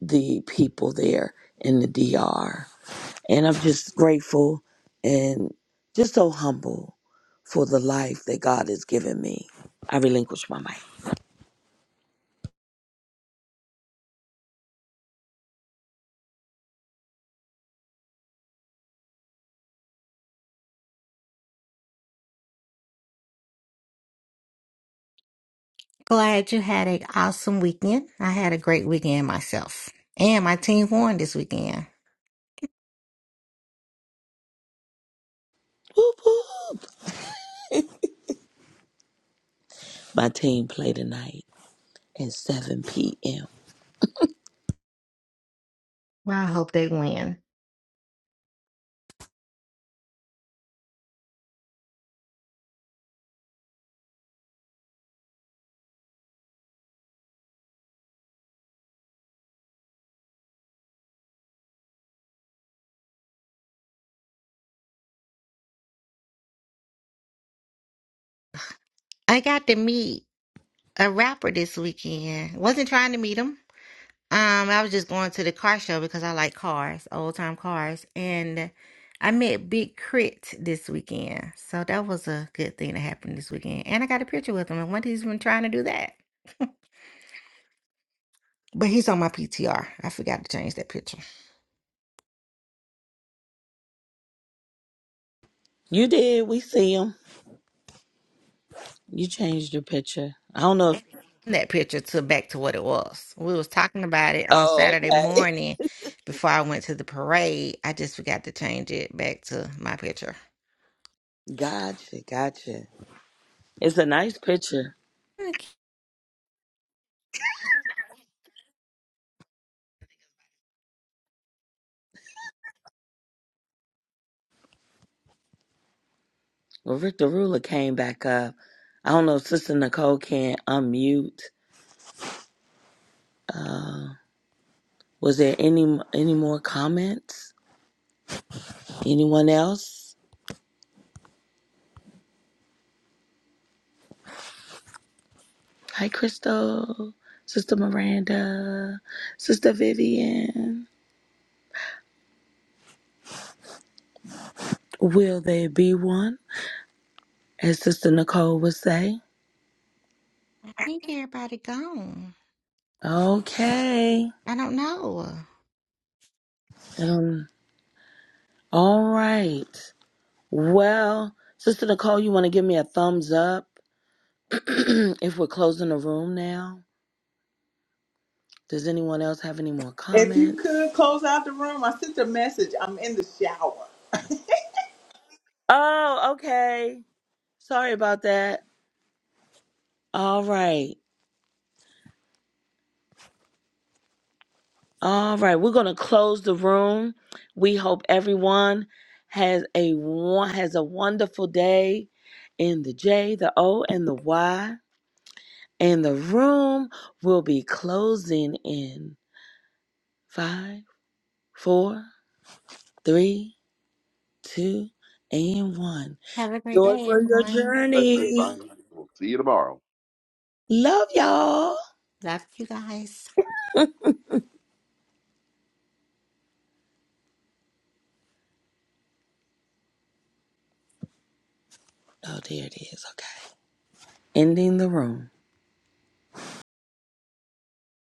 I: the people there in the DR. And I'm just grateful and just so humble for the life that God has given me. I relinquish my mic.
K: Glad you had an awesome weekend. I had a great weekend myself. And my team won this weekend.
I: Whoop, whoop. My team play tonight at 7 p.m.
K: Well, I hope they win. I got to meet a rapper this weekend. Wasn't trying to meet him Um, I was just going to the car show because I like cars, old time cars, and I met Big Crit this weekend, so that was a good thing that happened this weekend. And I got a picture with him, and when he's been trying to do that, but he's on my PTR. I forgot to change that picture.
I: You did. We see him. You changed your picture. I don't know. If-
K: That picture to back to what it was. We was talking about it on
I: oh,
K: Saturday
I: okay.
K: morning before I went to the parade. I just forgot to change it back to my picture.
I: Gotcha. Gotcha. It's a nice picture.
K: Look,
I: Well, Rick the Ruler came back up. I don't know if Sister Nicole can unmute. Was there any any more comments? Anyone else? Hi, Crystal. Sister Miranda. Sister Vivian. Will there be one? As Sister Nicole would say.
K: I think everybody gone.
I: Okay.
K: I don't know.
I: Um, all right. Well, Sister Nicole, you want to give me a thumbs up if we're closing the room now? Does anyone else have any more
A: If you could
I: comments?
A: close out the room, I sent a message. I'm in the shower.
I: Oh, okay. Sorry about that. All right. All right. We're going to close the room. We hope everyone has a won- has a wonderful day in the J, the O, and the Y. And the room will be closing in five, four, three. two, and one.
K: Have a great
I: Joy
K: day,
I: for your
K: everyone.
E: Bless you,
I: journey.
E: Bonnie. We'll see you tomorrow.
I: Love y'all.
K: Love you guys.
I: Oh, there it is. Okay. Ending the room.